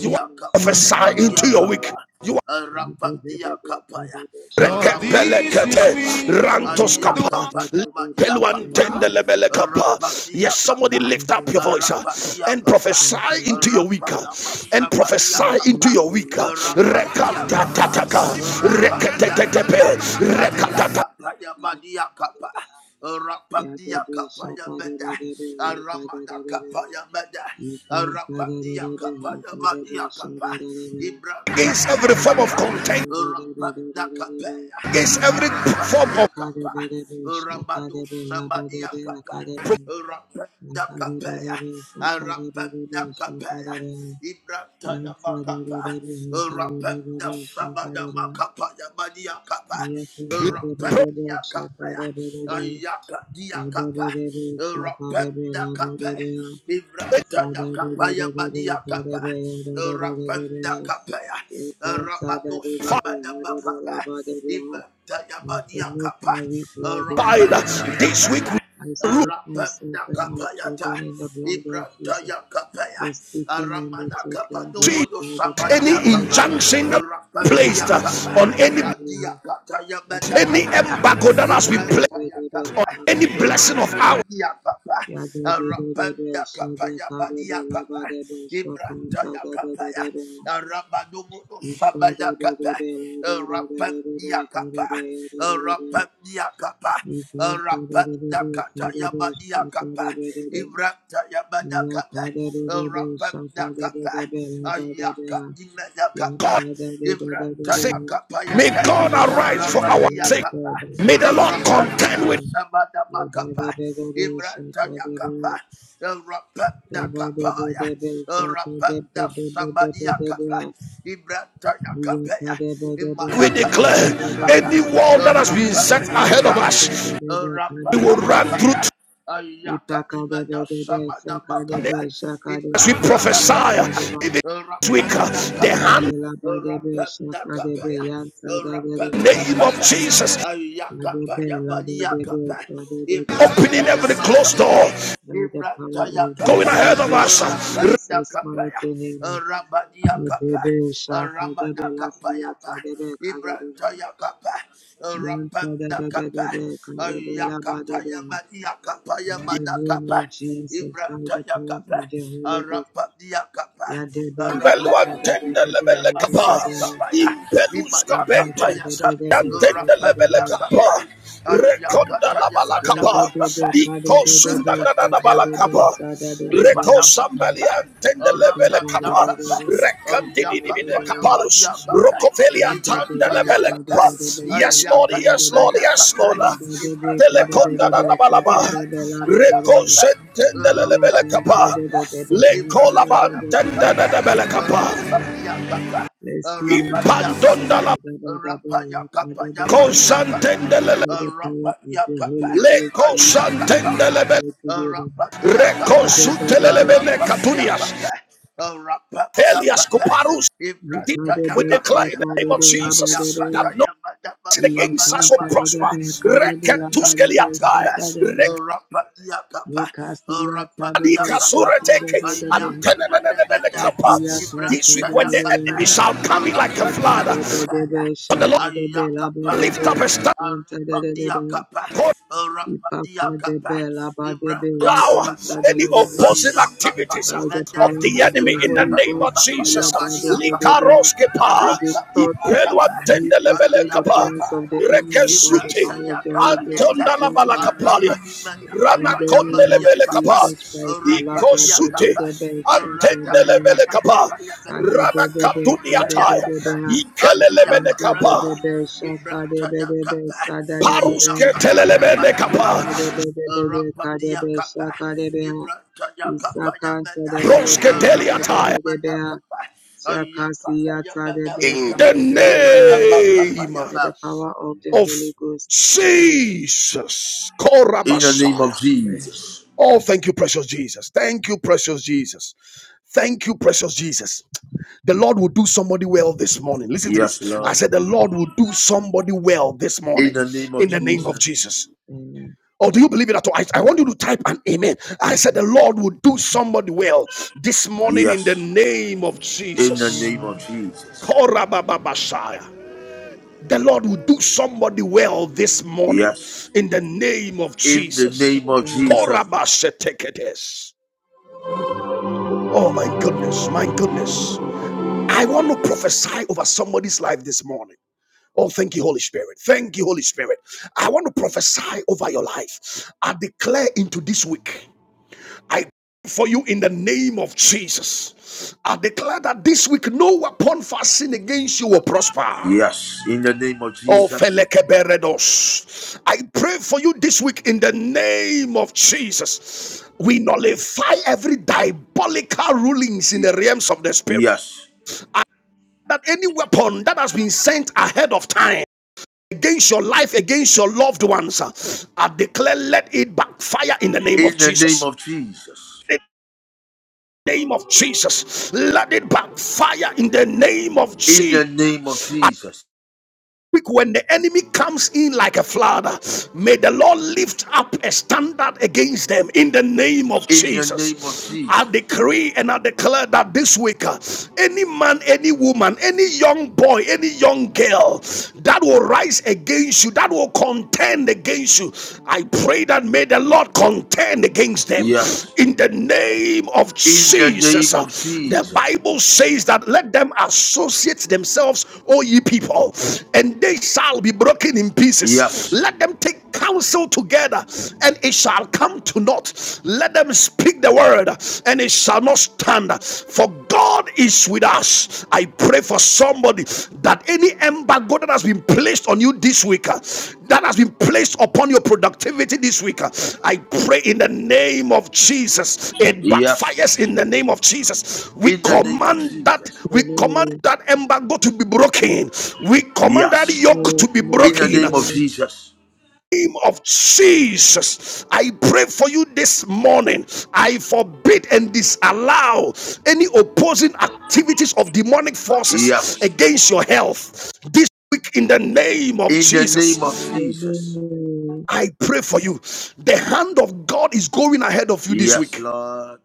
You want to
kapaya,
prophesy
madia
into your week.
kapa.
You.
Rapatia kapaya, rapatia kapa.
Rantos
Aya
kapa,
kapaya, madia kapa. Rapatia
Yes, somebody
kapa,
lift up your voice uh,
rapatia
and
kapa.
prophesy into your week uh,
Rapana
and prophesy
masabadia
into
kapa.
your week. uh,
Rapatia kapa, rapatia kapa. Ayakapayabadiakapa. Rapadiakapayabada. Aramadakapayabada. Rapadiakapayabadiakapa.
Against every form of
Ibrantayabakapa.
content,
Father,
Rapadakapaya.
against every form of
Arapadiakapa. Rabado Sabadiakapa. Rapadakapaya. Arapadakapaya. Ibrata ya makapa, rapenda sabada makapa ya madia kapa, rapenda kapa ya ayaka dia kapa, rapenda kapa, Ibrata ya kapa ya madia kapa, rapenda kapa ya rabado
fight,
sabada makapa, Ibrata ya
And if I
madia
make
kapa,
my weak Lord, if you
uh,
will
rapenda
be so.
this
kapa
week
ya.
I
we
stake myself
Rapenda
and my
kapayata,
children in the blood of
Ibranta
Jesus,
ya kapaya,
the speaking and the
Aramana kapa
talking,
no
see
blood
mono
by the blood
any
sabadia
of the
kapa.
injunction that placed
Rapandia
uh,
kapa.
on any
Adia kata ya
in the name of the Lord, the Lord, the Lord, the
mada
any
kapa ya.
embargo that has been
Ibran
Lord,
placed.
taya kapa.
any blessing of our
Rapandia kapa. Arapanda kapa badia kapa. Ibran taya kapa ya. kapa. Rapandia
the Lord,
kapa.
the
Rapandia kapa.
Thank you.
Rapandia kata badia kapa. Ibran taya kapa. Rapandakapa,
God
Ayakadimedakapa,
sake. May
Ibratayakapayata,
God arise for our sake.
Ramadiakapa,
May the Lord
Rapanda
contend with
Sabadamakapa, Ibratayakapa, Rapandakapaya, Rapanda Sabadiakapa, Ibratayakapaya,
us. we declare
Imanakadimedakapa,
any wall that has been set
Rapanda
ahead of
Saya,
us, we
Rapanda
will run through
Bakapa, Ayakadimena
Ipakadebedebe
Sabana
sakadebe
Bakapa.
as
shakadebe
we
Ibrantayakapaya,
prophesy.
yantadebeba.
Even this week, uh, the
Rapandakapaya,
Ipakadebe
hand
labadebe shakadebe
Rapandakapaya,
yantadebedebe.
name of
Rapandakapaya,
Jesus
Adebe
Ayakapaya,
labadebe
Maniakapaya,
kadebebe
opening
kadebe.
every closed door.
Ibrantayamakapaya,
By the power of the
Going
Ibrantayamakapaya,
Holy
ahead of
Ghost
us,
in
uh,
Jesus'
Rapandakapaya,
mighty name.
Ramaniakapaya,
Adebe shakadebe
Ramanakapaya,
lasiyatadebe kadebe.
Ibrantaya kapa, rapanda kapa,
Yantadebedebe kadebe
ayakataya
labadebe.
madia kapa
In the
yamada
name
kapa,
of Jesus, by the
Ibrantaya
power of
kapa,
the Holy Ghost.
rapandia kapa,
Ya de de so de
rapanda
de de
Beluantenda
de
kapa
lebele
de
yamada
de de
kapa,
de
kapa ya,
impelus
imada
kapente,
kapa
ya
ya ta,
yantenda lebele
rapanda kapa,
kapa, rekonda la
ayakataya
bala
madia
kapa,
de
kapa,
ka de
iko
de de
sunda
de
da da
so
da
de de de ya de de de ka de de de de so de
bala
Ibrantaya
de de
kapa,
sa da de de
reko
de
sambali
Ipadabakata,
antenda
ite
lebele
ka de
kapa,
de de
Arapadakata,
de so
rekanti di di
de de de
bine
de
kapalus,
Ayakapayamadiakata,
rokofeli
ya de de
antanda
de
lebele
ka de
Ibrantayakata,
kapa.
de de de so
Yes
ka
Lord,
de de de
yes
de
Lord, yes
Ayakadimanakata,
Lord.
ya de de de ka de de
Telekonda
de
na
Ibrantayakata,
na
de so
balaba,
de de de la de de de
reko
Adimaniakata,
sentenda
ya
lebele
de de de
kapa.
de de
Arapadakata,
de de de de de so
Le
de
colabantende
Ibrantayamakata,
de belecapa.
de de de
Arapadiakata,
Bless you, Lord, for
Arapadiakata,
Impandonda la
Arapayakapayamadiakata,
cosantendele.
the power of the
Arapadiakata,
Holy
Le
Ghost in
Adiakata,
Jesus'
cosantendele bele.
name together.
Arapadiakata,
Recosutelele bele catunias.
Arapaniakapa,
Elias
Arapanakapa,
kuparus. We declare in the
Ibrantayakapayana,
name of Jesus that no sin against us will
Ayakatayamadamasamadamakape,
prosper. Reketuskeliatai.
Ibrantayamakape,
Rek-
Arapaniakapa, Arapaniakapa,
Anikasureteke,
Ayakatayamada,
antenenenenenenekapa. This week, when the
Ibrantayakapa,
enemy shall come in like a flood,
Arapanakapaya,
the Lord lift
Ayakapaya,
up a standard.
Thank you.
Arapaniakapa,
by the
Arapaniakapa,
power
allow
Ibrantayakapa,
any opposing activities uh,
Ayakapayamende,
of the
of the
enemy in the
Holy
name of
Ghost, we
Jesus.
Ibrakayakapayamaniakapa,
Likaroskepa,
distort
Ipelwa
Rapatamakapa,
and frustrate the
Tendelebelekapa,
plans
Ayakapa,
of the enemy by the
Rekesuti,
power of
Ibrataya
the Holy Ghost
Katayata,
against us.
Antondalabalakapalia,
Aramani Mata
In
Kapa
the name of
Yamania
Ranakondelebelekapa,
Kapa,
Jesus Christ, Allah
Arapadia
Ikosute,
Kapa,
Badebedebe, Shakadebedebe,
Aratamada
Antendelebelekapa,
Makapa Yamata,
Sadebedebe,
Ibrataya
Ranakatuniatai,
Kapa,
Kadebedebe,
Adia
Ikelelemenekapa,
Kabrata,
Yadebedebe,
Ibrataya
Shakadebedebe,
Kapa,
Sadadebedebe,
Paruske
Ayakapa Yamata
let
telelemenekapa,
Kapa,
the
Arapadia Kapa, Ibrataya Kapa Yamata,
Roske Teliatai.
Arapadia Kapa, Ayakapa Yamata
in
Kapa,
the
Ibratama
name
Kapa
power of the
of
Holy Ghost. Amen.
Jesus.
In the name
Korabashaya.
of
Amen.
Jesus.
Oh, thank you, precious Jesus. Thank you, precious Jesus. Thank you, precious Jesus. The Lord will do somebody well this morning. Listen to this.
Yes,
I
Lord.
said, The Lord will do somebody well this
In
morning
the name of
in the name
Amen.
of
Jesus.
Jesus.
Amen. Amen.
Or Oh, do you believe it at all? I, I want you to type an amen. I said, The Lord will do somebody well this morning in the
Yes.
name of
In the
Jesus.
name of
Amen.
Jesus.
Amen. Amen. Amen.
Korababashaya. The Lord will do somebody well this morning
Yes.
in the name of
In the
Jesus.
name of Jesus.
Korabasheteketes. Oh my goodness, my goodness. I want to prophesy over somebody's life this morning. Oh, thank you, Holy Spirit. Thank you, Holy Spirit. I want to prophesy over your life. I declare into this week, I pray for you in the name of Jesus. I declare that this week no weapon fashioned against you will prosper.
Yes. In the name of
Oh,
Jesus.
Felekeberedos. I pray for you this week in the name of Jesus. We nullify every diabolical rulings in the realms of the spirit.
Yes.
That any weapon that has been sent ahead of time against your life, against your loved ones, uh, I declare let it backfire in the name of
In the name
Jesus.
of Jesus.
In the name of Jesus, let it backfire in the name of
In
Jesus.
the name of Jesus.
week when the enemy comes in like a flood, may the Lord lift up a standard against them in the name of
In the name of
Jesus. I
Jesus.
decree and I declare that this week, uh, any man, any woman, any young boy, any young girl that will rise against you, that will contend against you, I pray that may the Lord contend contend against them
Yes.
in the name of
In the
Jesus.
name
Uh,
of
The
Jesus.
Bible says that let them associate themselves, O ye people, and they shall be broken in pieces.
Yes.
Let them take counsel together, and it shall come to naught. Let them speak the word, and it shall not stand. For God is with us. I pray for somebody that any embargo that has been placed on you this week, uh, that has been placed upon your productivity this week, uh, I pray in the name of Jesus. It backfires
Yes.
in the name of Jesus. We
In the name of
command that,
Jesus.
we command that embargo to be broken. We command that
Yes.
yoke to be
In the
broken
name of Jesus.
name of Jesus. I pray for you this morning. I forbid and disallow any opposing activities of demonic forces
Yes.
against your health. This week, in the name of
In the name of
Jesus,
Jesus.
I pray for you. The hand of God is going ahead of you this
Yes,
week.
Lord.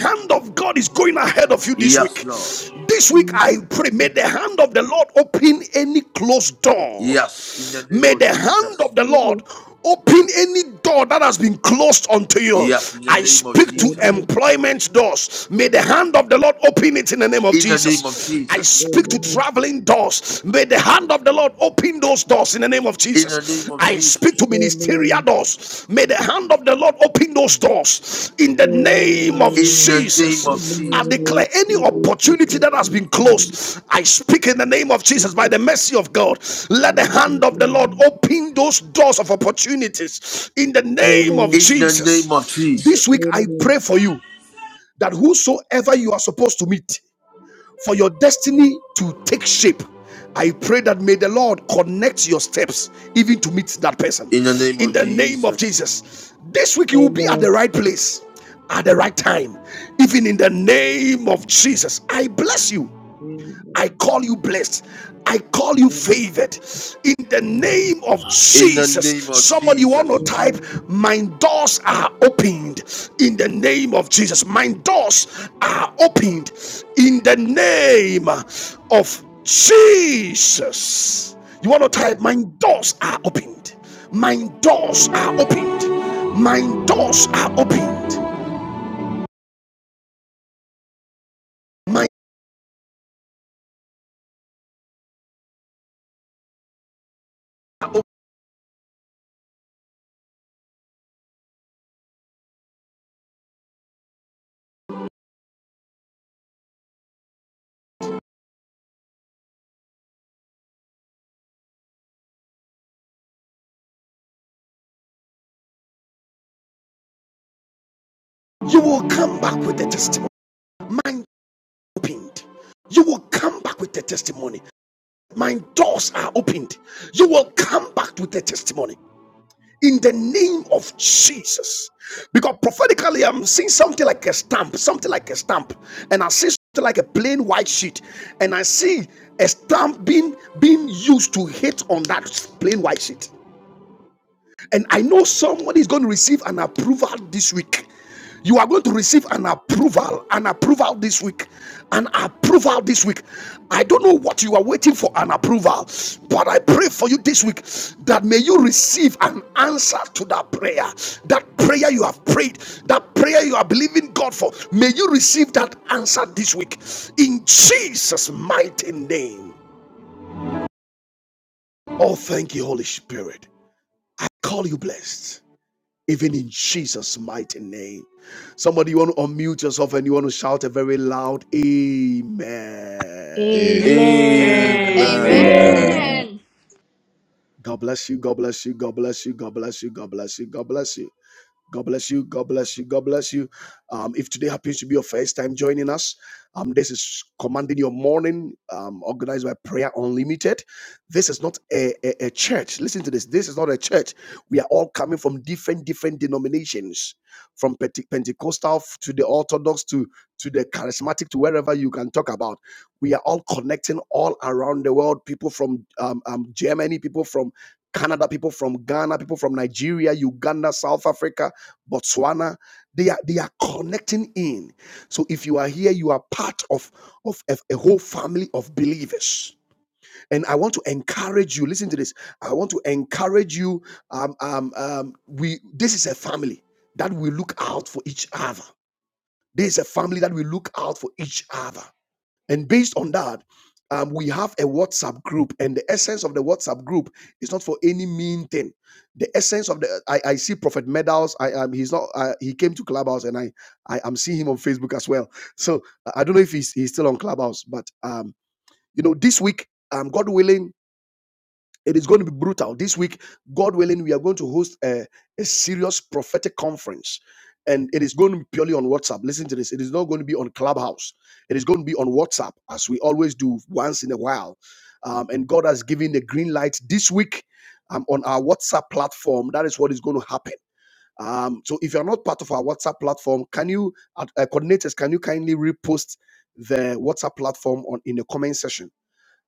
hand of God is going ahead of you this
Yes,
week.
Lord.
This week, I pray, may the hand of the Lord open any closed door.
Yes, in the name
May
of
the hand
Jesus.
of the Lord open any door that has been closed unto you.
Yes, in the
I
name of
speak to
Jesus.
Amen.
employment doors. May the hand of the Lord open it in the name of
In the name of
Jesus. I
Jesus.
Amen.
speak to
Amen.
traveling doors. May the hand of the Lord open those doors in the name of
In the name
Jesus.
of
I speak
Jesus.
to
Amen.
ministerial
Amen.
doors. May the hand of the Lord open those doors in the
Amen.
name of
In the
Amen.
name of
Jesus. I
Jesus.
declare
I
any
receive it,
opportunity
Jesus,
that has
mighty
been
name.
closed, I speak in the name of Jesus by
Jesus,
the mercy of God. Let the
mighty
hand of the Lord
name.
open those doors of opportunities in the name of
Amen.
In the name of
Jesus. This
Jesus.
week, I
Amen.
pray for you that whosoever you are supposed to meet, for your destiny to take shape. I pray that may the Lord connect your steps even to meet that person.
In the name
In
of
the name of
Jesus.
Jesus. This week you will be at
Amen.
the right place at the right time. Even in the name of Jesus. I bless you. I
Amen.
call you blessed. I call you
Amen.
favored in the
Amen.
name of
In the
Jesus.
name of
Somebody want to
Jesus.
type,
Amen.
My doors are opened in the name of Jesus. My doors are opened in the name of Jesus. You want to type, My doors are opened. My doors are opened. My doors are opened. My you will come back with the testimony. My. opened. You will come back with a testimony. My doors are opened. You will come back with a testimony in the name of Jesus. Because prophetically, I'm seeing something like a stamp, something like a stamp, and I see something like a plain white sheet, and I see a stamp being being used to hit on that plain white sheet. And I know somebody is going to receive an approval this week. You are going to receive an approval, an approval this week, an approval this week. I don't know what you are waiting for an approval, but I pray for you this week that may you receive an answer to that prayer. That prayer you have prayed, that prayer you are believing God for, may you receive that answer this week in Jesus' mighty name. Oh, thank you, Holy Spirit. I call you blessed. even in Jesus' mighty name. Somebody, you want to unmute yourself and you want to shout a very loud Amen.
Amen.
Amen.
Amen.
Amen.
Amen.
Amen.
God bless you. God bless you. God bless you. God bless you. God bless you. God bless you. God bless you. God bless you. God bless you. Um, if today happens to be your first time joining us, um, this is commanding your morning, um, organized by Prayer Unlimited. This is not a, a a church. Listen to this. This is not a church. We are all coming from different different denominations from Pente- Pentecostal to the Orthodox to, to the charismatic to wherever you can talk about. We are all connecting all around the world. People from um, um, Germany, people from Canada, people from Ghana, people from Nigeria, Uganda, South Africa, Botswana. They are they are connecting in. So if you are here, you are part of, of a a whole family of believers and I want to encourage you. Listen to this. I want to encourage you. Um, um, um, we this is a family that will look out for each other. This is a family that will look out for each other. And based on that, um, we have a WhatsApp group. And the essence of the WhatsApp group is not for any mean thing. The essence of the I, I see Prophet Medals. I um, he's not. Uh, he came to Clubhouse, and I I am seeing him on Facebook as well. So I don't know if he's he's still on Clubhouse, but um, you know, this week um, God willing it is going to be brutal. This week, God willing, we are going to host a, a serious prophetic conference. And it is going to be purely on WhatsApp. Listen to this. It is not going to be on Clubhouse. It is going to be on WhatsApp, as we always do once in a while. Um, and God has given the green light this week um, on our WhatsApp platform. That is what is going to happen. Um, so if you're not part of our WhatsApp platform, can you, uh, uh, coordinators, can you kindly repost the WhatsApp platform on in the comment section?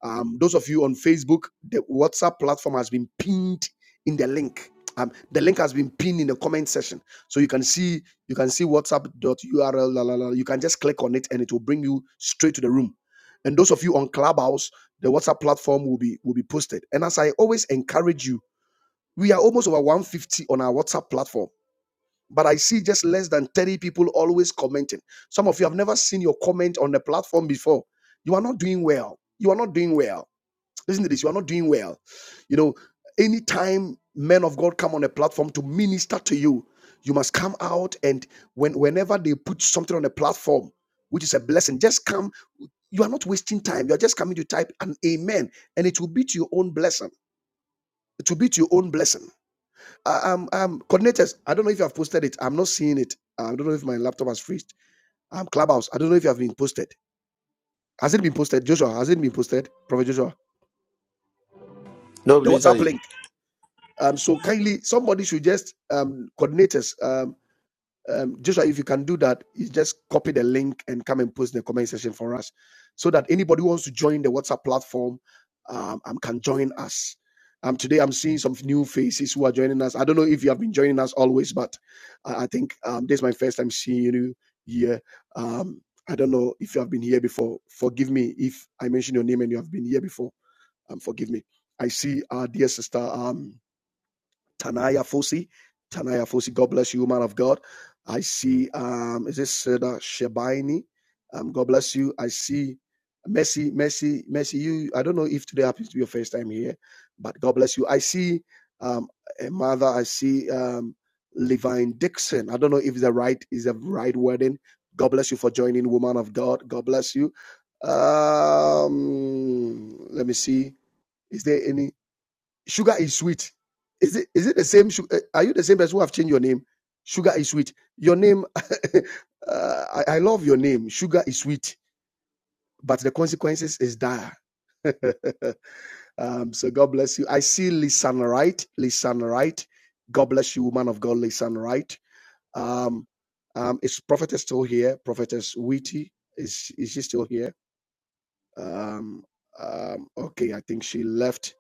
Um, those of you on Facebook, the WhatsApp platform has been pinned in the link. Um, the link has been pinned in the comment section, so you can see you can see WhatsApp.url. La, la, la. You can just click on it, and it will bring you straight to the room. And those of you on Clubhouse, the WhatsApp platform will be will be posted. And as I always encourage you, we are almost over 150 on our WhatsApp platform, but I see just less than 30 people always commenting. Some of you have never seen your comment on the platform before. You are not doing well. You are not doing well Listen to this. You are not doing well. You know, anytime men of God come on a platform to minister to you, you must come out and when whenever they put something on a platform, which is a blessing, just come. You are not wasting time. You are just coming to type an amen, and it will be to your own blessing. It will be to your own blessing. Uh, um, um, coordinators, I don't know if you have posted it. I'm not seeing it. I don't know if my laptop has freezed. Um, Clubhouse, I don't know if you have been posted. Has it been posted, Joshua? Has it been posted, Prophet Joshua?
No,
The WhatsApp
please,
link. Um, so kindly, somebody should just um, coordinate us. Um, um, Joshua, if you can do that, you just copy the link and come and post in the comment section for us, so that anybody who wants to join the WhatsApp platform um, um, can join us. Um, today, I'm seeing some new faces who are joining us. I don't know if you have been joining us always, but I, I think um, this is my first time seeing you here. Um, I don't know if you have been here before. Forgive me if I mention your name and you have been here before. Um, forgive me. I see our dear sister. Um, Tanaya Fosi. Tanaya Fosi, God bless you, man of God. I see, um, is this Seda Shebaini? Um, God bless you. I see Mercy, Mercy, Mercy. You, I don't know if today happens to be your first time here, but God bless you. I see um, a mother. I see um, Levine Dixon. I don't know if the right is the right wording. God bless you for joining, woman of God. God bless you. Um, let me see. Is there any? Sugar is sweet. Is it is it the same? eh, Are you the same person who have changed your name? Sugar is sweet. Your name, uh, I, I love your name. Sugar is sweet, but the consequences is dire. um, so God bless you. I see Lisan right, Lisan right. God bless you, woman of God, Lisan right. Um, um, is prophetess still here? Prophetess Witty is is she still here? Um, um, okay, I think she left.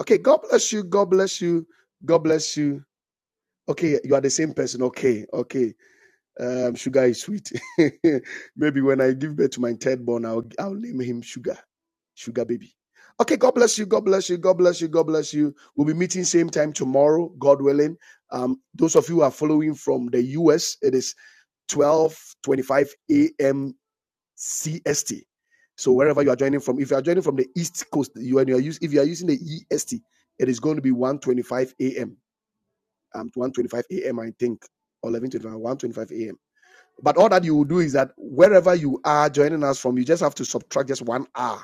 Okay, God bless you. God bless you. God bless you. Okay, you are the same person. Okay, okay. Um, sugar is sweet. Maybe when I give birth to my third born, I'll I'll name him sugar, sugar baby. Okay, God bless you. God bless you. God bless you. God bless you. We'll be meeting same time tomorrow, God willing. Um, those of you who are following from the US, it is twelve twenty-five a.m. CST. So wherever you are joining from, if you are joining from the East Coast, you and you are us- if you are using the EST, it is going to be one twenty-five a.m um 1:25 a.m. I think, or 11:25, 1:25 a.m. But all that you will do is that wherever you are joining us from, you just have to subtract just one hour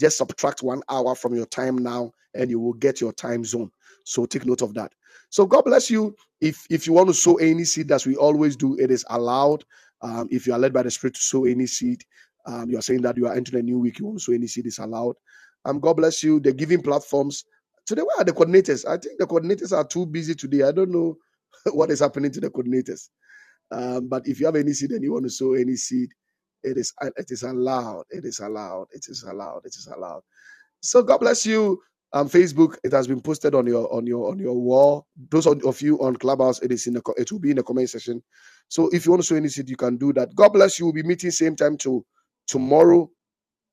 just subtract one hour from your time now, and you will get your time zone. So take note of that. So God bless you. If if you want to sow any seed, as we always do, it is allowed. Um, if you are led by the Spirit to sow any seed, um, you are saying that you are entering a new week. You want to sow any seed is allowed. Um, God bless you. The giving platforms today. Where are the coordinators? I think the coordinators are too busy today. I don't know what is happening to the coordinators. Um, but if you have any seed and you want to sow any seed, it is it is allowed. It is allowed. It is allowed. It is allowed. So God bless you. Um, Facebook, it has been posted on your on your on your wall. Those of you on Clubhouse, it is in the it will be in the comment section. So if you want to sow any seed, you can do that. God bless you. We'll be meeting same time to tomorrow.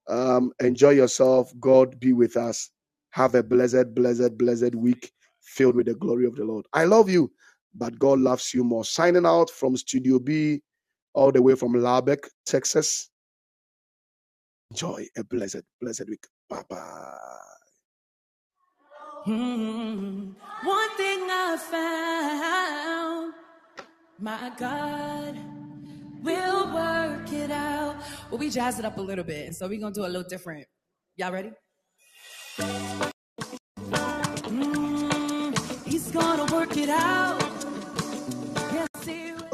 Um, enjoy yourself. God be with us. Have a blessed, blessed, blessed week filled with the glory of the Lord. I love you, but God loves you more. Signing out from Studio B, all the way from Lubbock, Texas. Enjoy a blessed, blessed week. Bye bye. Mm. One thing I found, my God will work it out. Well, we jazz it up a little bit, so we're gonna do a little different. Y'all ready? He's gonna work it out.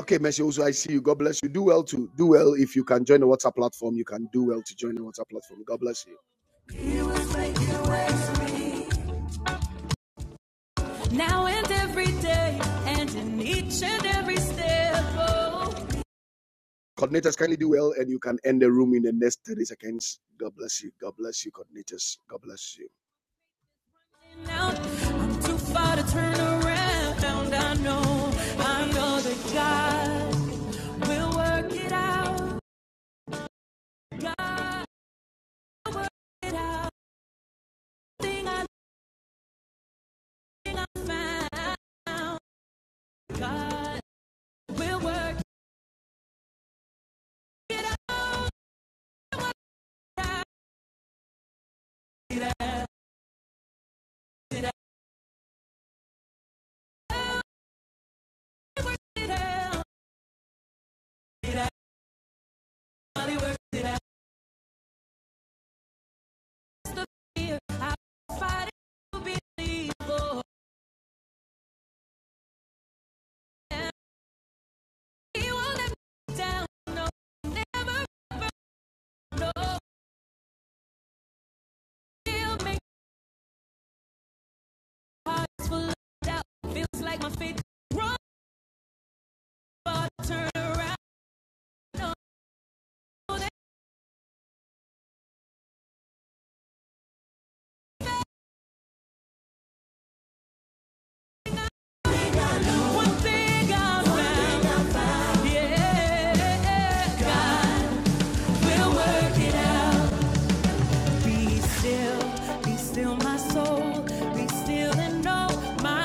Okay, Messi, also I see you. God bless you. Do well to do well if you can join the WhatsApp platform. You can do well to join the WhatsApp platform. God bless you. Now and every day, and in each and every step. Oh. Coordinators, kindly do well, and you can end the room in the next 30 seconds. God bless you. God bless you, coordinators. God bless you. I'm too far to turn around. I know, I know that God will work it out. God it Thing I think found. God will work it out. It out. It out. He works it out. It out. God, it out. It's the fight it to believe. Oh, and He won't let me down. No, never, ever. No, He'll make hearts full of doubt. Feels like my faith grows, but turn around. No, One thing I found, yeah, God will work it out. Be still, be still, my soul. Be still and know my